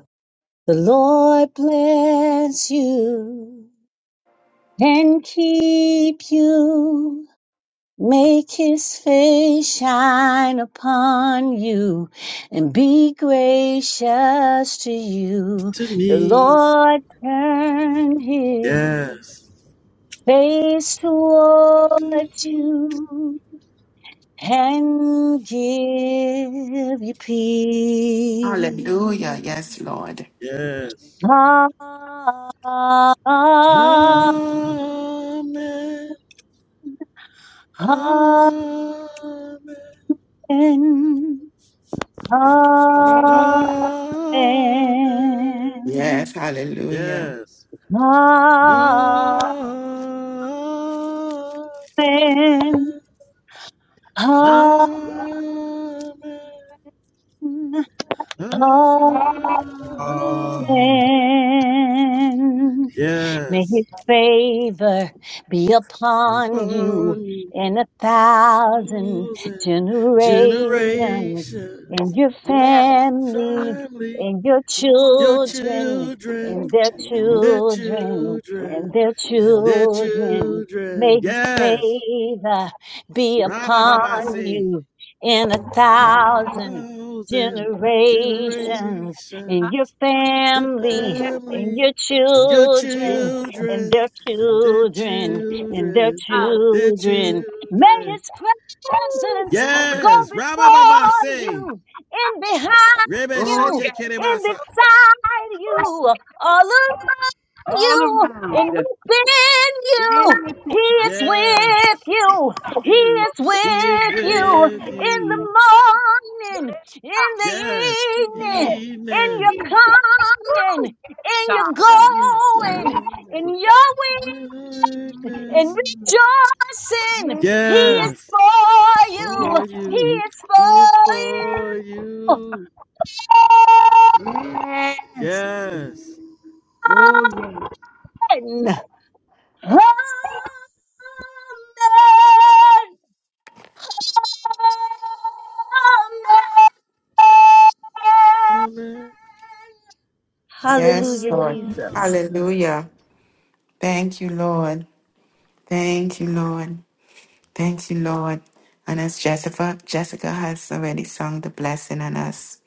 Speaker 7: The Lord bless you and keep you. Make his face shine upon you and be gracious to you.
Speaker 3: To
Speaker 7: The
Speaker 3: me.
Speaker 7: Lord turn his
Speaker 3: Yes.
Speaker 7: face toward you and give you peace.
Speaker 1: Hallelujah. Yes, Lord.
Speaker 3: Yes.
Speaker 7: Amen.
Speaker 3: Amen. Amen. Amen.
Speaker 7: Amen.
Speaker 1: Yes, hallelujah.
Speaker 3: Yes.
Speaker 7: Amen.
Speaker 3: Amen.
Speaker 6: Ah,
Speaker 7: Amen.
Speaker 3: Amen. Amen.
Speaker 5: Um,
Speaker 7: Amen. May
Speaker 3: Yes.
Speaker 7: his favor be upon you
Speaker 3: Upon you,
Speaker 7: in a thousand
Speaker 3: thousands,
Speaker 7: generations,
Speaker 3: generations,
Speaker 7: in your
Speaker 6: yes.
Speaker 7: family,
Speaker 3: family
Speaker 7: in your
Speaker 6: Oh,
Speaker 3: your
Speaker 6: yeah.
Speaker 7: children,
Speaker 3: children
Speaker 6: Yeah,
Speaker 7: and
Speaker 6: yeah,
Speaker 7: their
Speaker 3: and their
Speaker 6: yeah.
Speaker 7: children, and
Speaker 3: children
Speaker 7: their
Speaker 3: and their
Speaker 7: children.
Speaker 3: children.
Speaker 7: May his
Speaker 3: Yes.
Speaker 7: favor be
Speaker 3: Rabba
Speaker 7: upon
Speaker 3: say
Speaker 7: you in a
Speaker 3: and your
Speaker 7: thousand
Speaker 3: thousand
Speaker 7: generations,
Speaker 3: generations.
Speaker 7: in your
Speaker 3: your
Speaker 7: family, in
Speaker 3: family
Speaker 7: your
Speaker 3: and your
Speaker 7: children and
Speaker 3: children
Speaker 7: their
Speaker 3: and their
Speaker 7: children, and their
Speaker 3: children, their
Speaker 7: children. May
Speaker 3: children.
Speaker 7: his
Speaker 6: Woo,
Speaker 7: presence
Speaker 6: glory.
Speaker 7: go
Speaker 3: Yes. Rabba
Speaker 7: before
Speaker 3: say
Speaker 7: you, in behind
Speaker 3: Rebe
Speaker 6: Oh,
Speaker 7: you,
Speaker 3: Shete
Speaker 6: yeah,
Speaker 7: in
Speaker 3: Kerebasa.
Speaker 7: beside you, all around
Speaker 6: all
Speaker 7: you and
Speaker 6: around.
Speaker 7: within you.
Speaker 6: And within
Speaker 7: He
Speaker 6: us.
Speaker 7: is with
Speaker 3: Yes.
Speaker 7: you. He
Speaker 3: You.
Speaker 7: is
Speaker 3: He is
Speaker 7: with
Speaker 6: Yeah, yeah,
Speaker 7: you
Speaker 3: with
Speaker 6: yeah.
Speaker 7: in the
Speaker 3: you.
Speaker 7: morning, in the
Speaker 3: Yes,
Speaker 7: evening,
Speaker 6: Yes,
Speaker 7: in
Speaker 3: evening
Speaker 7: your
Speaker 6: yes.
Speaker 7: coming,
Speaker 6: Woo,
Speaker 7: in your
Speaker 6: God. Yes,
Speaker 3: and then
Speaker 7: going,
Speaker 3: from
Speaker 7: in
Speaker 6: Lord.
Speaker 7: your
Speaker 3: the
Speaker 7: way and
Speaker 3: darkness.
Speaker 6: Mm,
Speaker 7: rejoicing.
Speaker 6: yes,
Speaker 7: He
Speaker 6: yes,
Speaker 7: is
Speaker 3: Yes,
Speaker 7: for you.
Speaker 3: for
Speaker 6: yes,
Speaker 7: He
Speaker 3: you
Speaker 7: is
Speaker 3: is
Speaker 7: for
Speaker 3: for you.
Speaker 6: yes.
Speaker 3: Yes,
Speaker 6: Oh, yeah.
Speaker 7: you. Amen.
Speaker 3: amen.
Speaker 1: Yes,
Speaker 7: Hallelujah,
Speaker 1: Lord.
Speaker 3: Ah.
Speaker 7: Jesus.
Speaker 1: Hallelujah. Thank you, Lord. Thank you, Lord. Thank you, Lord. And as Jessica, Jessica has already sung the blessing on us,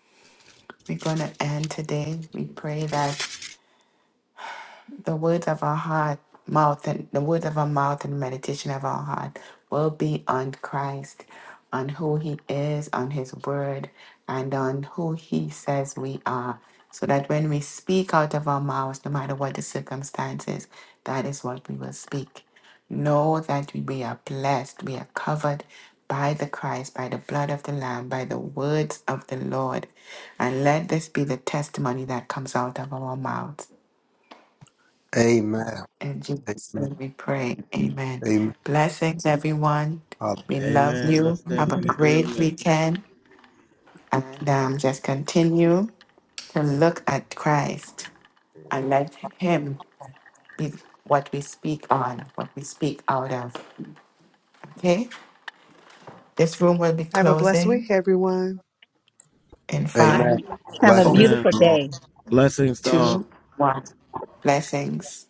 Speaker 1: we're going to end today. We pray that The words of our heart, mouth, and the words of our mouth and meditation of our heart will be on Christ, on who He is, on His word, and on who He says we are. So that when we speak out of our mouths, no matter what the circumstances, that is what we will speak. Know that we are blessed, we are covered by the Christ, by the blood of the Lamb, by the words of the Lord. And let this be the testimony that comes out of our mouths
Speaker 5: Amen,
Speaker 1: in Jesus'
Speaker 5: amen,
Speaker 1: name we pray. Amen.
Speaker 5: amen,
Speaker 1: Blessings, everyone.
Speaker 5: hallelujah.
Speaker 1: We love
Speaker 3: Amen. I
Speaker 1: you.
Speaker 3: stand
Speaker 1: Have a
Speaker 3: in
Speaker 1: great
Speaker 3: agreement.
Speaker 1: weekend. And um, just continue to look at Christ and let Him be what we speak on, what we speak out of. Okay? This room will be
Speaker 4: Have a blessed week,
Speaker 1: closing
Speaker 4: everyone.
Speaker 1: in
Speaker 6: Bless
Speaker 5: amen.
Speaker 1: five,
Speaker 6: your
Speaker 7: Have a
Speaker 6: family.
Speaker 1: four,
Speaker 3: Amen.
Speaker 7: beautiful
Speaker 5: Blessings.
Speaker 7: day.
Speaker 3: Blessings to all.
Speaker 1: two, one. Blessings.